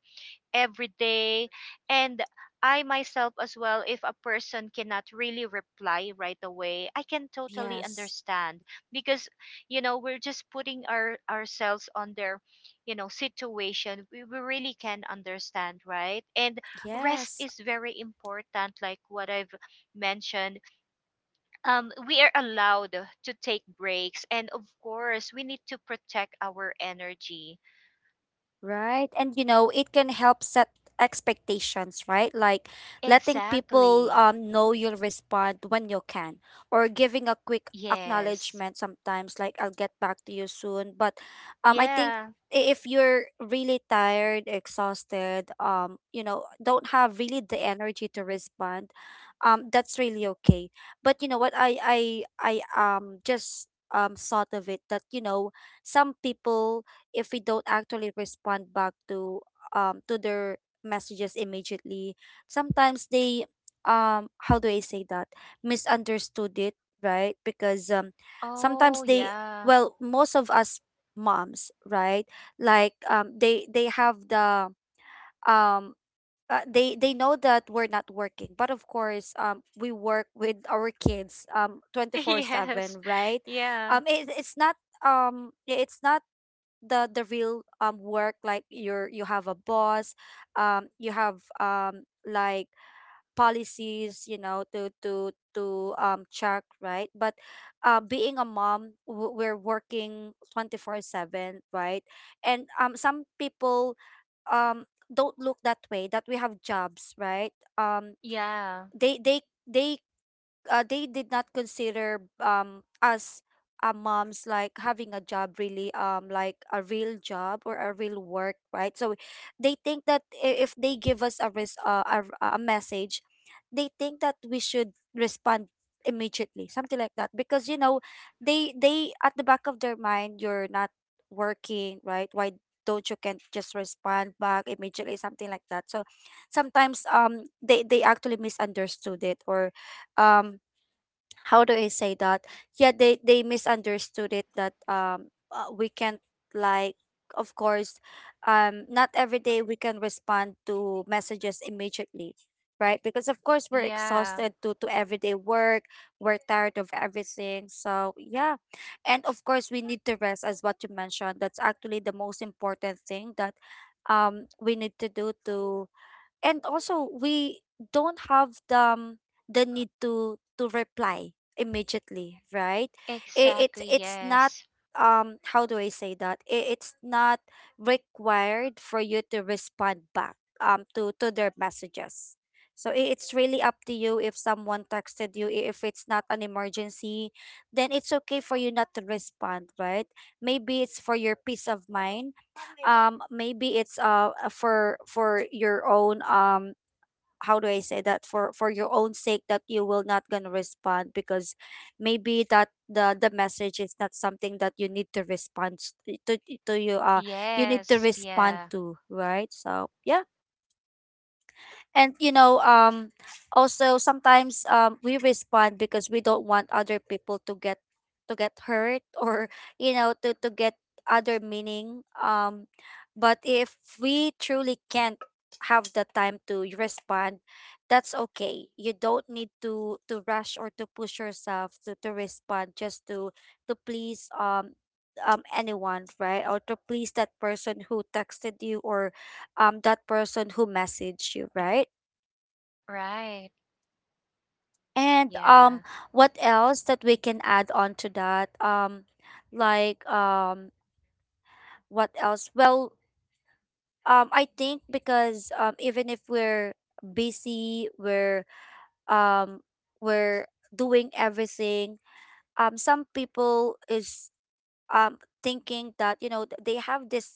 Speaker 2: every day. And I myself as well, if a person cannot really reply right away, I can totally
Speaker 1: Yes.
Speaker 2: understand, because, you know, we're just putting our ourselves on their, you know, situation. We really can understand, right? And rest
Speaker 1: Yes.
Speaker 2: is very important, like what I've mentioned. We are allowed to take breaks, and of course we need to protect our energy.
Speaker 1: Right. And you know, it can help set expectations, right? Like letting people
Speaker 2: Exactly.
Speaker 1: know you'll respond when you can, or giving a quick
Speaker 2: Yes.
Speaker 1: acknowledgement sometimes like I'll get back to you soon. But I think
Speaker 2: Yeah.
Speaker 1: I- if you're really tired, exhausted, you know, don't have really the energy to respond, that's really okay. But you know what I just thought of it that, you know, some people, if we don't actually respond back to their messages immediately, sometimes they how do I say that, misunderstood it, right? Because sometimes
Speaker 2: Oh,
Speaker 1: they,
Speaker 2: yeah.
Speaker 1: well, most of us moms, right? Like they have the um they know that we're not working, but of course we work with our kids
Speaker 2: Yes.
Speaker 1: 24/7, right?
Speaker 2: Yeah.
Speaker 1: It, it's not the the real work like you're you have a boss, you have like policies, you know, to to check, right? But being a mom, w- we're working 24/7, right? And some people um don't look that way, that we have jobs, right? um
Speaker 2: Yeah.
Speaker 1: they they they they did not consider us, moms, like having a job, really, like a real job or a real work, right? So they think that I- if they give us a res- a message, they think that we should respond immediately something like that, because, you know, they at the back of their mind, you're not working, right? Why don't you can just respond back immediately something like that. So sometimes they actually misunderstood it, or um how do I say that? Yeah, they misunderstood it that we can't, like, of course, not every day we can respond to messages immediately, right? Because of course we're
Speaker 2: Yeah.
Speaker 1: exhausted due to everyday work, we're tired of everything. So yeah. And of course we need to rest as what you mentioned. That's actually the most important thing, that we need to do to. And also we don't have the need to reply immediately, right? it, it's
Speaker 2: Exactly.
Speaker 1: it's not
Speaker 2: Yes.
Speaker 1: how do I say that, it, it's not required for you to respond back to their messages. So I- it's really up to you. If someone texted you, I- if it's not an emergency, then it's okay for you not to respond, right? Maybe it's for your peace of mind. Maybe it's for your own how do I say that, for your own sake, that you will not gonna respond, because maybe that the message is not something that you need to respond s- to to you you need to
Speaker 2: Yes.
Speaker 1: respond
Speaker 2: Yeah.
Speaker 1: to, right? So yeah. And you know, also sometimes we respond because we don't want other people to get hurt or, you know, to get other meaning. But if we truly can't have the time to respond, that's okay. You don't need to rush or to push yourself to respond just to please anyone, right? Or to please that person who texted you, or that person who messaged you, right?
Speaker 2: Right.
Speaker 1: And
Speaker 2: Yeah.
Speaker 1: what else that we can add on to that? Like what else? Well, I think because even if we're busy, um, we're doing everything. Some people is um thinking that, you know, th- they have this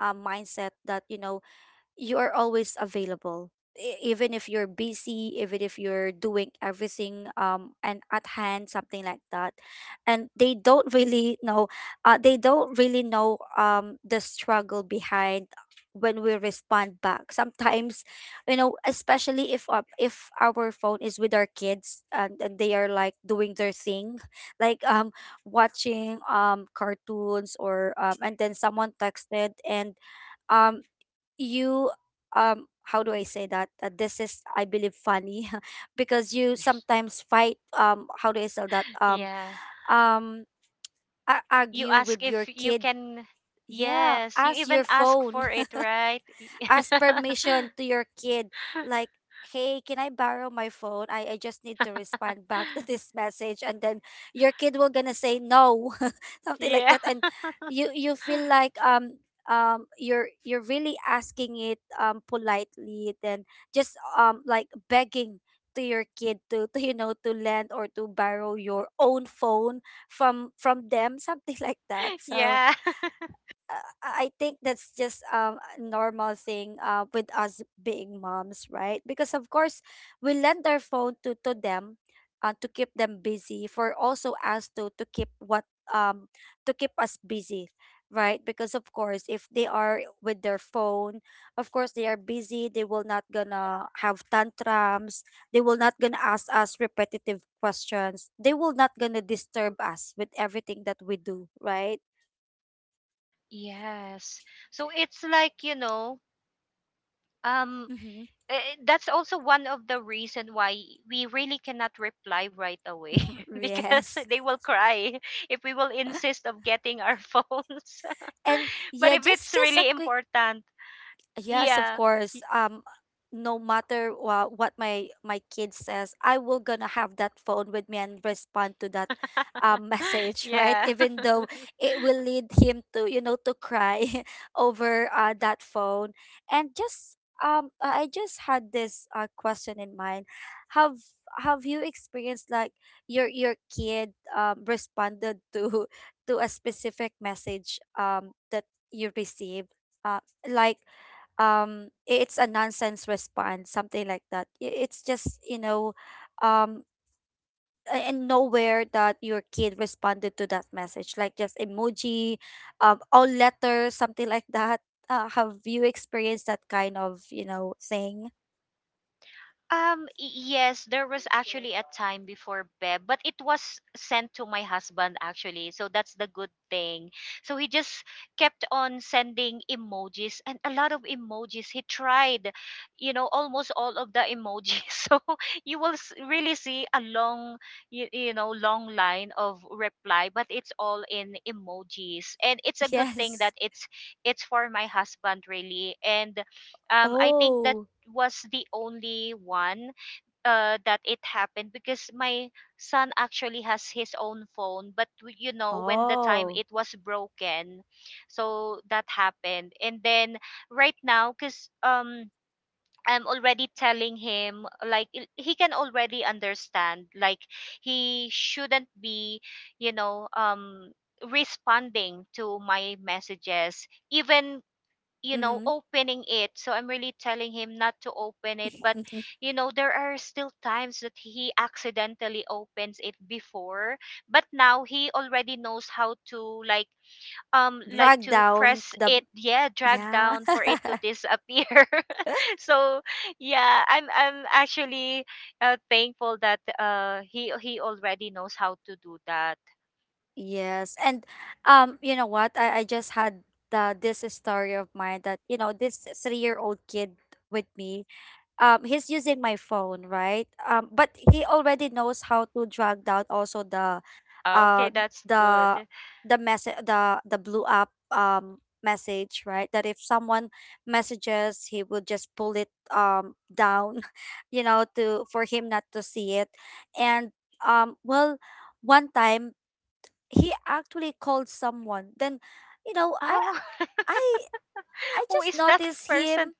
Speaker 1: mindset that, you know, you are always available, e- even if you're busy, even if you're doing everything, and at hand something like that. And they don't really know, they don't really know the struggle behind, when we respond back sometimes, you know, especially if our phone is with our kids, and they are like doing their thing, like watching cartoons or and then someone texted, and um you um how do I say that? This is, I believe, funny because you sometimes fight, how do I say that?
Speaker 2: Yeah.
Speaker 1: Um a-
Speaker 2: You
Speaker 1: argue with
Speaker 2: ask
Speaker 1: your
Speaker 2: if you
Speaker 1: kid.
Speaker 2: can.
Speaker 1: Yeah,
Speaker 2: Yes. You
Speaker 1: as your
Speaker 2: even ask
Speaker 1: phone,
Speaker 2: for it, right?
Speaker 1: ask permission to your kid, like, hey, can I borrow my phone? I just need to respond back to this message. And then your kid will gonna say no something like
Speaker 2: Yeah.
Speaker 1: that, and you feel like you're really asking it politely, then just like begging to your kid to, to, you know, to lend or to borrow your own phone from them something like that. So
Speaker 2: Yeah.
Speaker 1: I think that's just a normal thing with us being moms, right? Because of course we lend our phone to them, to keep them busy, for also us to keep what, um to keep us busy, right? Because of course, if they are with their phone, of course they are busy, they will not gonna have tantrums, they will not gonna ask us repetitive questions, they will not gonna disturb us with everything that we do, right?
Speaker 2: Yes. So it's like, um
Speaker 1: Mm-hmm.
Speaker 2: That's also one of the reason why we really cannot reply right away because
Speaker 1: Yes.
Speaker 2: they will cry if we will insist of getting our phones.
Speaker 1: And
Speaker 2: But
Speaker 1: yeah,
Speaker 2: if it's
Speaker 1: just a
Speaker 2: really
Speaker 1: quick.
Speaker 2: important,
Speaker 1: Yes, of
Speaker 2: yeah,
Speaker 1: course. No matter what my kid says, I will gonna have that phone with me and respond to that message, right?
Speaker 2: yeah.
Speaker 1: Even though it will lead him to, you know, to cry over that phone. And just I just had this question in mind. Have have you experienced like your kid responded to to a specific message that you received? Uh, like it's a nonsense response, something like that. It's just, you know, um and nowhere that your kid responded to that message, like just emoji, all letters, something like that. Have you experienced that kind of, you know, thing?
Speaker 2: Yes, there was actually a time before, Beb, but it was sent to my husband actually. So that's the good thing. So he just kept on sending emojis and a lot of emojis. He tried, you know, almost all of the emojis. So you will really see a long, you know, long line of reply, but it's all in emojis. And it's a good thing
Speaker 1: Yes.
Speaker 2: that it's for my husband really. And I think that
Speaker 1: Oh.
Speaker 2: was the only one that it happened, because my son actually has his own phone, but you know, when the time
Speaker 1: Oh.
Speaker 2: it was broken, so that happened. And then right now, because I'm already telling him, like he can already understand, like he shouldn't be, you know, responding to my messages, even, you know,
Speaker 1: Mm-hmm.
Speaker 2: opening it. So I'm really telling him not to open it, but you know, there are still times that he accidentally opens it before. But now he already knows how to, like, like
Speaker 1: Drag
Speaker 2: to
Speaker 1: down
Speaker 2: press
Speaker 1: the,
Speaker 2: it, yeah, drag
Speaker 1: yeah.
Speaker 2: down for it to disappear. So yeah, I'm actually, thankful that he already knows how to do that.
Speaker 1: Yes. And, you know what? I just had the this story of mine that, you know, this 3-year old kid with me, he's using my phone, right? But he already knows how to drag down also
Speaker 2: Ah, okay,
Speaker 1: uh
Speaker 2: that's good.
Speaker 1: the the message, the blue app, message, right? That if someone messages, he will just pull it down, you know, to for him not to see it. And, well, one time he actually called someone. Then, you know,
Speaker 2: Oh.
Speaker 1: I I
Speaker 2: Who
Speaker 1: just
Speaker 2: is that
Speaker 1: noticed
Speaker 2: person?
Speaker 1: him.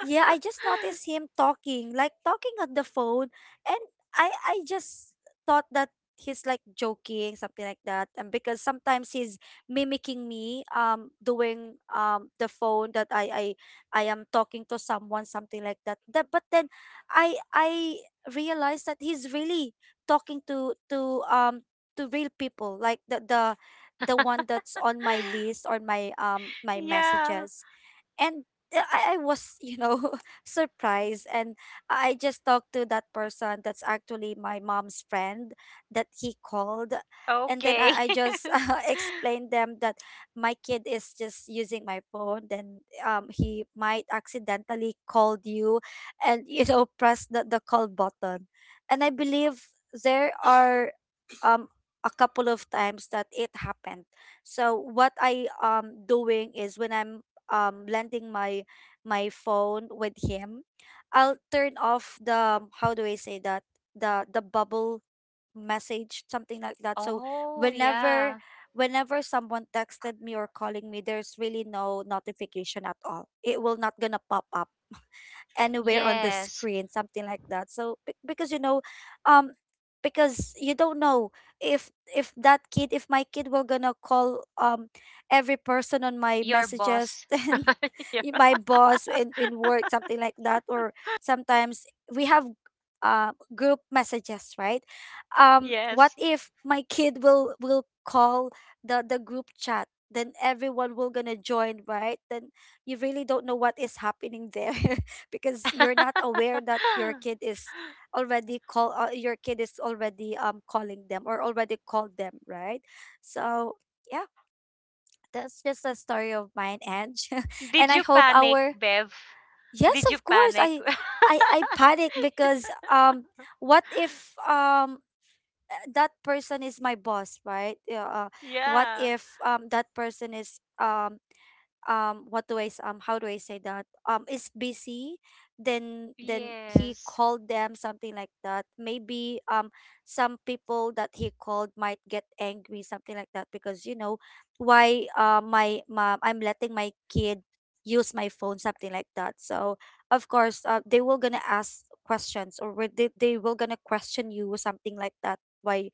Speaker 1: Yeah, I just noticed him talking, like talking on the phone, and I just thought that he's like joking, something like that. And because sometimes he's mimicking me, doing the phone that I am talking to someone, something like that. That but then I realized that he's really talking to real people, like the one that's on my list or my
Speaker 2: Yeah.
Speaker 1: messages. And I was, you know, surprised, and I just talked to that person that's actually my mom's friend that he called. And then
Speaker 2: Okay.
Speaker 1: I just explained them that my kid is just using my phone, then he might accidentally called you, and you know press the call button. And I believe there are, um, a couple of times that it happened. So what I doing is when I'm lending my phone with him, I'll turn off the, how do I say that, the bubble message, something like that, so
Speaker 2: Oh,
Speaker 1: whenever
Speaker 2: yeah.
Speaker 1: whenever someone texted me or calling me, there's really no notification at all, it will not gonna pop up anywhere on the
Speaker 2: Yes.
Speaker 1: screen, something like that. So because, you know, um, because you don't know if that kid, if my kid will gonna call every person on my
Speaker 2: Your
Speaker 1: messages,
Speaker 2: boss.
Speaker 1: and
Speaker 2: Yeah.
Speaker 1: my boss in work, something like that, or sometimes we have group messages, right? What
Speaker 2: Yes.
Speaker 1: if my kid will call the group chat? Then everyone will gonna join, right? Then you really don't know what is happening there. Because you're not aware that your kid is already call, your kid is already calling them, or already called them, right? So yeah, that's just a story of mine, Ange. And
Speaker 2: Did
Speaker 1: I
Speaker 2: you
Speaker 1: hope
Speaker 2: panic,
Speaker 1: our—
Speaker 2: Bev?
Speaker 1: yes,
Speaker 2: Did
Speaker 1: of
Speaker 2: you
Speaker 1: course,
Speaker 2: panic?
Speaker 1: I panic because, what if, that person is my boss, right? Yeah. What
Speaker 2: Yeah.
Speaker 1: if, that person is, what do I how do I say that, is busy, then he
Speaker 2: Yes.
Speaker 1: called them something like that, maybe, some people that he called might get angry, something like that, because you know, why, my mom, I'm letting my kid use my phone, something like that, so of course, they will gonna ask questions, or will they will gonna question you, something like that, why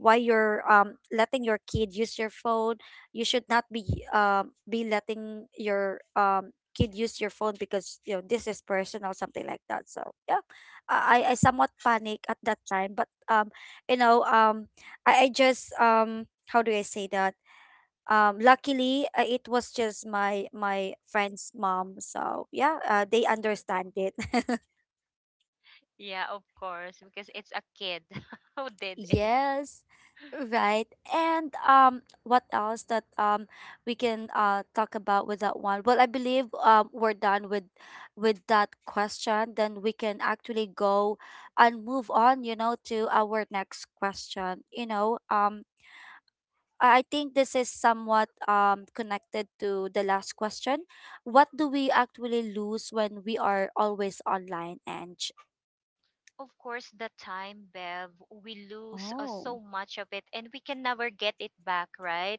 Speaker 1: why you're letting your kid use your phone. You should not be, be letting your, kid use your phone, because you know this is personal, something like that, so yeah. I somewhat panic at that time, but, you know, I just, how do I say that, luckily, it was just my friend's mom, so yeah. They understand it.
Speaker 2: Yeah, of course, because it's a kid who did it.
Speaker 1: Yes, right. And, what else that, we can talk about with that one? Well, I believe, we're done with that question. Then we can actually go and move on, you know, to our next question. You know, I think this is somewhat connected to the last question. What do we actually lose when we are always online? And—
Speaker 2: Of course, the time, Bev, we lose
Speaker 1: oh,
Speaker 2: so much of it and we can never get it back, right?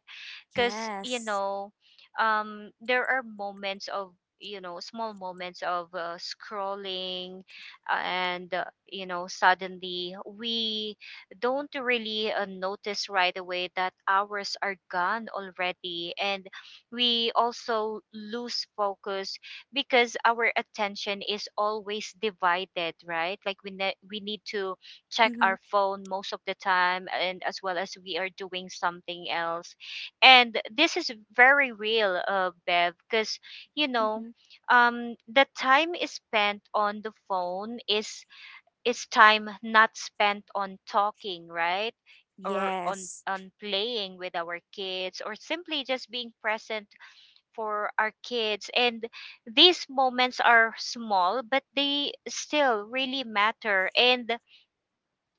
Speaker 2: Because, you
Speaker 1: yes.
Speaker 2: know, there are moments of, you know, small moments of scrolling, and you know, suddenly we don't really notice right away that hours are gone already. And we also lose focus, because our attention is always divided, right? Like we we need to check
Speaker 1: Mm-hmm.
Speaker 2: our phone most of the time and as well as we are doing something else. And this is very real, Bev, because, you know,
Speaker 1: Mm-hmm.
Speaker 2: the time is spent on the phone is time not spent on talking, right? Or
Speaker 1: Yes.
Speaker 2: on playing with our kids, or simply just being present for our kids. And these moments are small, but they still really matter. And,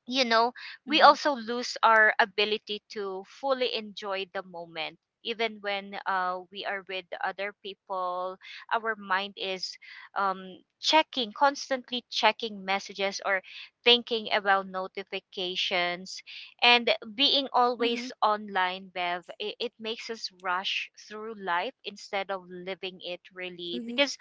Speaker 2: you know, we also
Speaker 1: Mm-hmm.
Speaker 2: lose our ability to fully enjoy the moment. Even when we are with other people, our mind is, checking, constantly checking messages, or thinking about notifications. And being always
Speaker 1: Mm-hmm.
Speaker 2: online, Bev, it makes us rush through life instead of living it really,
Speaker 1: Mm-hmm.
Speaker 2: because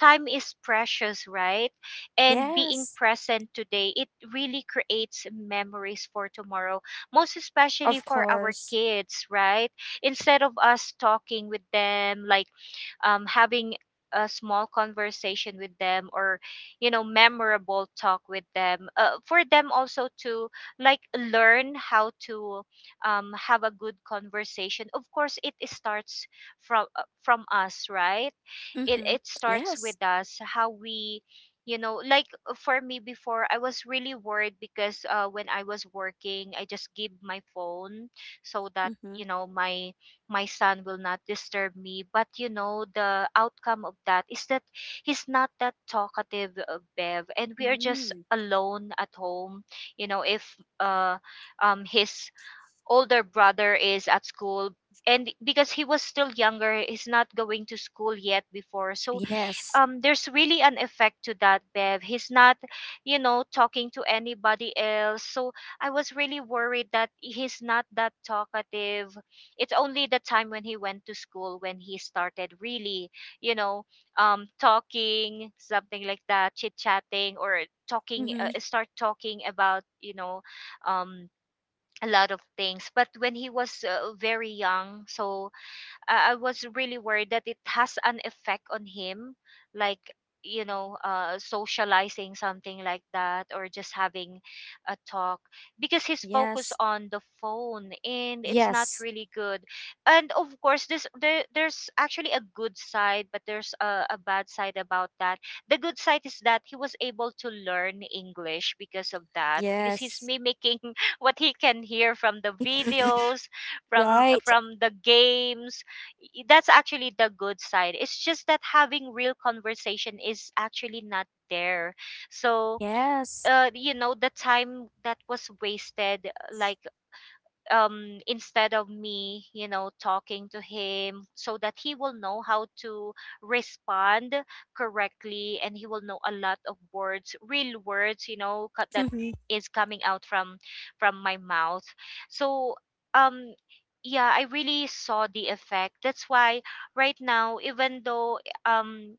Speaker 2: time is precious, right? And being
Speaker 1: Yes,
Speaker 2: present today, it really creates memories for tomorrow, most especially
Speaker 1: of
Speaker 2: for our
Speaker 1: course.
Speaker 2: kids, right? Instead of us talking with them, like, having a small conversation with them, or, you know, memorable talk with them, for them also to, like, learn how to, have a good conversation. Of course it starts from, from us, right? it
Speaker 1: Mm-hmm.
Speaker 2: it starts with
Speaker 1: Yes.
Speaker 2: us, how we, you know, like, for me before, I was really worried because, when I was working I just give my phone so that,
Speaker 1: Mm-hmm.
Speaker 2: you know, my son will not disturb me. But you know, the outcome of that is that he's not that talkative, Bev, and we are just
Speaker 1: Mm-hmm.
Speaker 2: alone at home, you know, if uh his older brother is at school. And because he was still younger, he's not going to school yet before. So
Speaker 1: Yes.
Speaker 2: there's really an effect to that, Bev. He's not, you know, talking to anybody else. So I was really worried that he's not that talkative. It's only the time when he went to school, when he started really, you know, talking something like that, chit chatting, or talking,
Speaker 1: Mm-hmm.
Speaker 2: start talking about, you know, um a lot of things. But when he was, very young, so I was really worried that it has an effect on him, like, you know, socializing something like that, or just having a talk, because he's focused
Speaker 1: Yes.
Speaker 2: on the phone, and it's not
Speaker 1: Yes.
Speaker 2: really good. And of course, this there's actually a good side, but there's a bad side about that. The good side is that he was able to learn English because of that, because he's
Speaker 1: Yes.
Speaker 2: mimicking what he can hear from the videos,
Speaker 1: Right.
Speaker 2: from the games. That's actually the good side. It's just that having real conversation is actually not there. So,
Speaker 1: Yes.
Speaker 2: you know, the time that was wasted, like, instead of me, you know, talking to him so that he will know how to respond correctly, and he will know a lot of words, real words, you know, that
Speaker 1: Mm-hmm.
Speaker 2: is coming out from my mouth. So um yeah, I really saw the effect, that's why right now, even though, um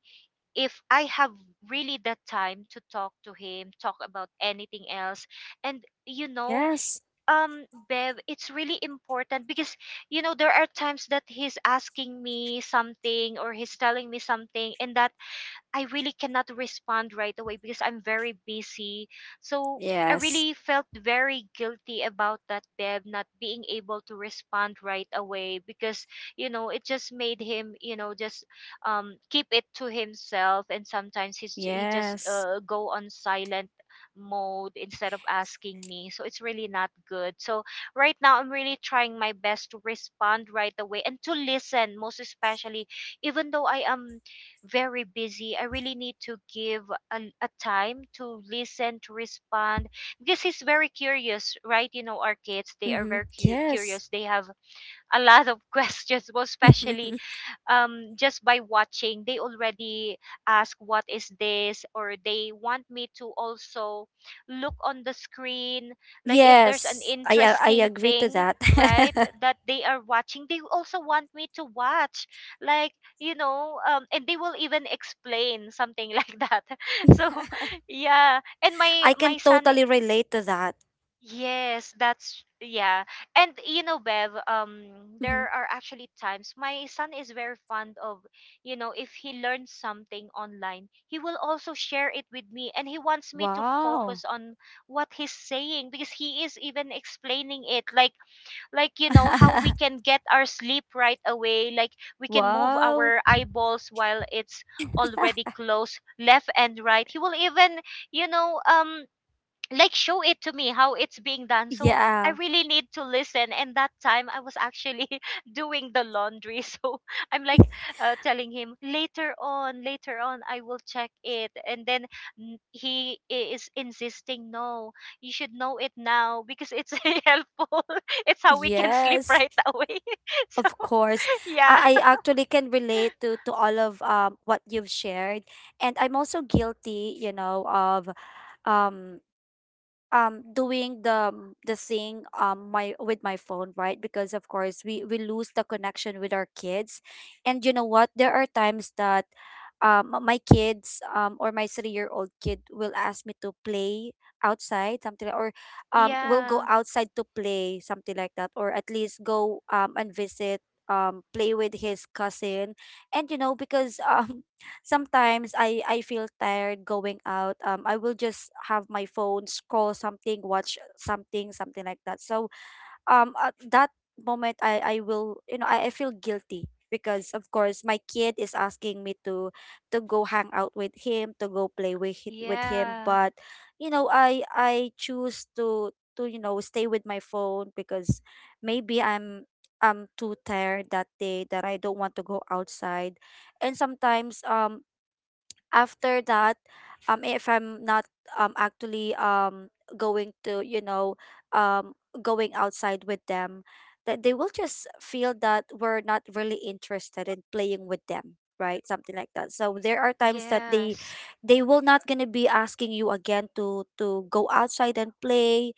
Speaker 2: if I have really the time to talk to him, talk about anything else, and you know,
Speaker 1: Yes.
Speaker 2: Bev, it's really important. Because, you know, there are times that he's asking me something or he's telling me something, and that I really cannot respond right away because I'm very busy. So I
Speaker 1: Yes.
Speaker 2: really felt very guilty about that, Beb, not being able to respond right away, because, you know, it just made him, you know, just keep it to himself. And sometimes he's, he just
Speaker 1: Yes.
Speaker 2: go on silent mode instead of asking me. So it's really not good. So right now, I'm really trying my best to respond right away and to listen, most especially, even though I am very busy. I really need to give a time to listen, to respond, because he's very curious, right? You know, our kids, they are
Speaker 1: Mm-hmm.
Speaker 2: very
Speaker 1: Yes.
Speaker 2: curious. They have a lot of questions, most especially just by watching, they already ask what is this, or they want me to also look on the screen, like if there's an
Speaker 1: Yes. I
Speaker 2: interesting
Speaker 1: agree to
Speaker 2: thing,
Speaker 1: that.
Speaker 2: right, that they are watching, they also want me to watch, like, you know, and they will even explain something like that. So yeah, and my
Speaker 1: I can
Speaker 2: son.
Speaker 1: totally relate to that.
Speaker 2: Yes, that's yeah. And you know, Bev,
Speaker 1: Hmm.
Speaker 2: there are actually times my son is very fond of, you know, if he learns something online, he will also share it with me and he wants me to
Speaker 1: Wow.
Speaker 2: focus on what he's saying, because he is even explaining it, like, you know, how we can get our sleep right away, like we can move
Speaker 1: Wow.
Speaker 2: our eyeballs while it's already closed, left and right. He will even, you know, like show it to me how it's being done. So
Speaker 1: Yeah.
Speaker 2: I really need to listen, and that time I was actually doing the laundry, so I'm like, telling him later on, later on I will check it, and then he is insisting, no, you should know it now because it's helpful, it's how we can sleep
Speaker 1: Yes,
Speaker 2: right away. So
Speaker 1: of course.
Speaker 2: yeah.
Speaker 1: I actually can relate to all of, what you've shared, and I'm also guilty, you know, of, um doing the, the thing, my with my phone, right? Because of course we lose the connection with our kids. And you know what, there are times that, my kids, or my 3-year old kid, will ask me to play outside, something like, or will go
Speaker 2: Yeah.
Speaker 1: outside to play, something like that, or at least go, and visit, play with his cousin. And you know, because sometimes I feel tired going out. I will just have my phone, scroll something, watch something, something like that. So, at that moment, I will, you know, I feel guilty, because of course my kid is asking me to go hang out with him, to go play with with him.
Speaker 2: Yeah.
Speaker 1: But you know, I choose to you know stay with my phone, because maybe I'm too tired that day that I don't want to go outside. And sometimes, after that, if I'm not, actually, going to, you know, um going outside with them, that they will just feel that we're not really interested in playing with them, right, something like that. So there are times that they
Speaker 2: Yes.
Speaker 1: they will not going to be asking you again to go outside and play,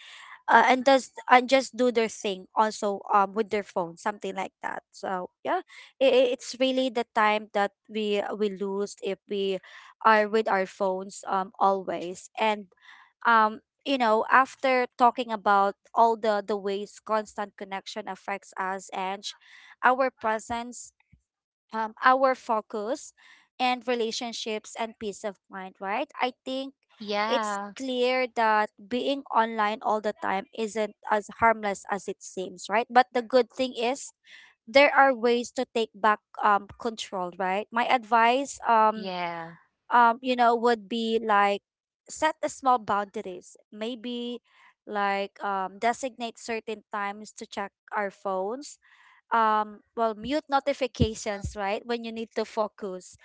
Speaker 1: and does and just do their thing also, with their phone, something like that, so yeah. It's really the time that we lose if we are with our phones, always. And, um you know, after talking about all the ways constant connection affects us and our presence, our focus and relationships and peace of mind, right? I think it's
Speaker 2: Yeah.
Speaker 1: clear that being online all the time isn't as harmless as it seems, right? But the good thing is, there are ways to take back, control, right? My advice,
Speaker 2: Yeah.
Speaker 1: you know, would be like, set a small boundaries, maybe like, designate certain times to check our phones, well, mute notifications, right, when you need to focus.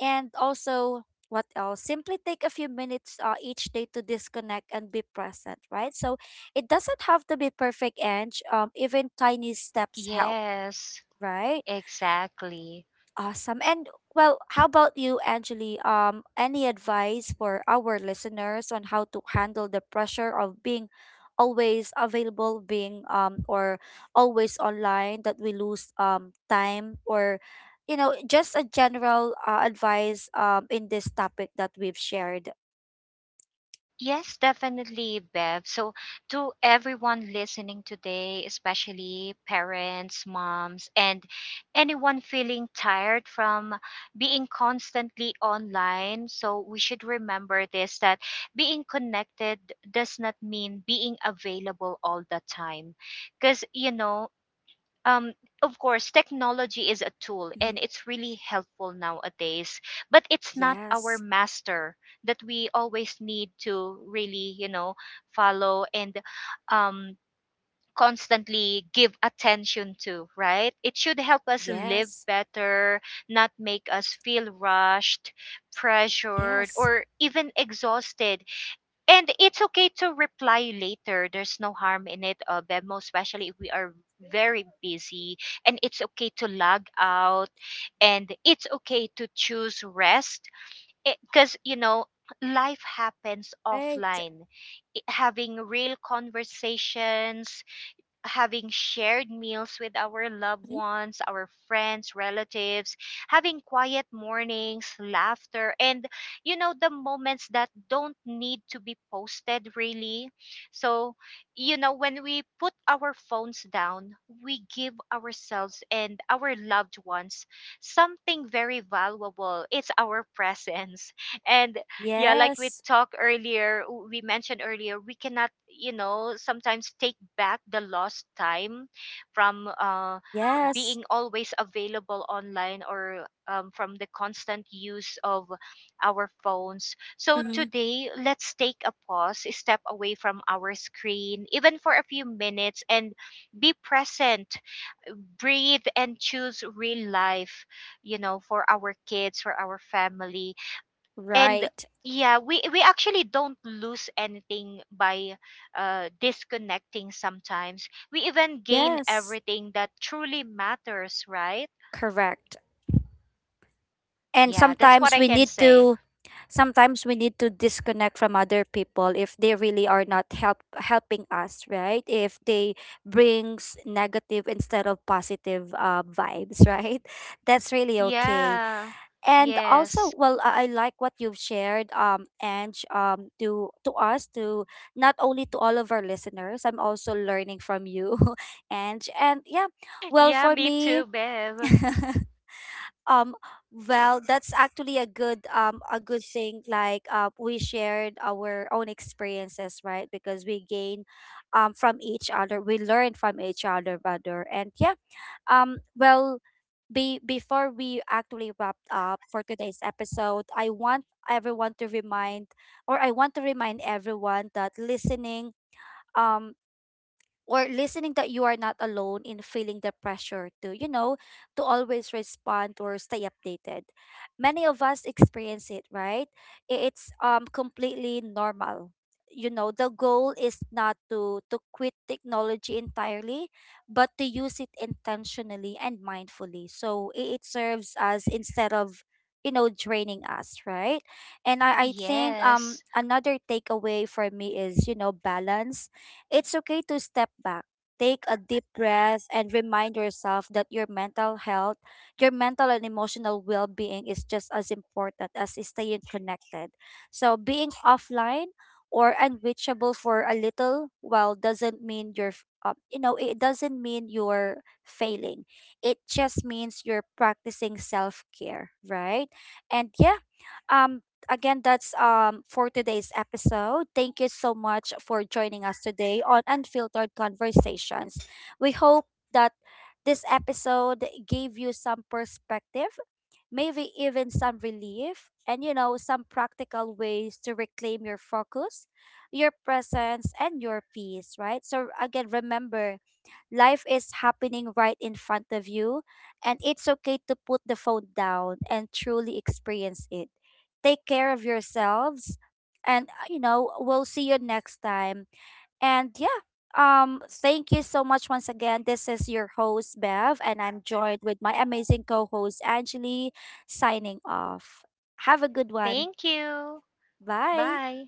Speaker 1: And also, what else, simply take a few minutes, each day, to disconnect and be present, right, so it doesn't have to be perfect, and, even tiny steps help,
Speaker 2: Yes.
Speaker 1: right.
Speaker 2: Exactly.
Speaker 1: Awesome. And well, how about you, Angeli? Any advice for our listeners on how to handle the pressure of being always available, being, or always online, that we lose, time, or you know, just a general, advice, in this topic that we've shared?
Speaker 2: Yes, definitely, Bev. So, to everyone listening today, especially parents, moms, and anyone feeling tired from being constantly online, so we should remember this, that being connected does not mean being available all the time. Because, you know, um of course technology is a tool
Speaker 1: Mhm.
Speaker 2: and it's really helpful nowadays, but it's not our
Speaker 1: Yes.
Speaker 2: master that we always need to really, you know, follow and um constantly give attention to, right? It should help us live
Speaker 1: Yes.
Speaker 2: better, not make us feel rushed, pressured,
Speaker 1: Yes.
Speaker 2: or even exhausted. And it's okay to reply later, there's no harm in it, Beb, most especially if we are very busy. And it's okay to log out, and it's okay to choose rest, because, you know, life happens
Speaker 1: Right.
Speaker 2: offline. Having real conversations, having shared meals with our loved
Speaker 1: Mhm.
Speaker 2: ones, our friends, relatives, having quiet mornings, laughter, and, you know, the moments that don't need to be posted really. So, you know, when we put our phones down, we give ourselves and our loved ones something very valuable. It's our presence. And yeah, like we
Speaker 1: Yes.
Speaker 2: talked earlier, we mentioned earlier, we cannot, you know, sometimes take back the lost time from,
Speaker 1: Yes.
Speaker 2: being always available online, or from the constant use of our phones. So
Speaker 1: Hmm.
Speaker 2: today, let's take a pause, a step away from our screen, even for a few minutes, and be present, breathe, and choose real life, you know, for our kids, for our family. And
Speaker 1: Right.
Speaker 2: yeah, we actually don't lose anything by, disconnecting, sometimes we even gain
Speaker 1: Yes.
Speaker 2: everything that truly matters, right?
Speaker 1: Correct. And
Speaker 2: Yeah, that's what I can say.
Speaker 1: sometimes we need to disconnect from other people, if they really are not helping us, right, if they brings negative instead of positive, vibes, right. That's really okay.
Speaker 2: Yeah.
Speaker 1: And also,
Speaker 2: Yes.
Speaker 1: well, I like what you've shared, Ange. To us to Not only to all of our listeners, I'm also learning from you. Ange. And yeah, well,
Speaker 2: Yeah,
Speaker 1: for
Speaker 2: me
Speaker 1: me.
Speaker 2: too, Bev.
Speaker 1: Um, well, that's actually a good thing. Like, we shared our own experiences, right? Because we gain, from each other. We learn from each other, rather. And yeah, well, be before we actually wrap up for today's episode, I want everyone to remind, or I want to remind everyone that listening. Um, or listening, that you are not alone in feeling the pressure to, you know, to always respond or stay updated. Many of us experience it, right? It's, completely normal. You know, the goal is not to quit technology entirely, but to use it intentionally and mindfully. So it serves as, instead of, you know, draining us, right. And I think,
Speaker 2: Yes.
Speaker 1: another takeaway for me is, you know, balance. It's okay to step back, take a deep breath, and remind yourself that your mental health, your mental and emotional well being is just as important as staying connected. So, being offline or unreachable for a little while doesn't mean you're, you know, it doesn't mean you're failing. It just means you're practicing self care, right? And yeah, um, again, that's, for today's episode. Thank you so much for joining us today on Unfiltered Conversations. We hope that this episode gave you some perspective, maybe even some relief, and you know, some practical ways to reclaim your focus, your presence, and your peace, right? So, again, remember, life is happening right in front of you, and it's okay to put the phone down and truly experience it. Take care of yourselves, and, you know, we'll see you next time. And yeah, thank you so much once again. This is your host, Bev, and I'm joined with my amazing co host, Angeli, signing off. Have a good one.
Speaker 2: Thank you.
Speaker 1: Bye.
Speaker 2: Bye.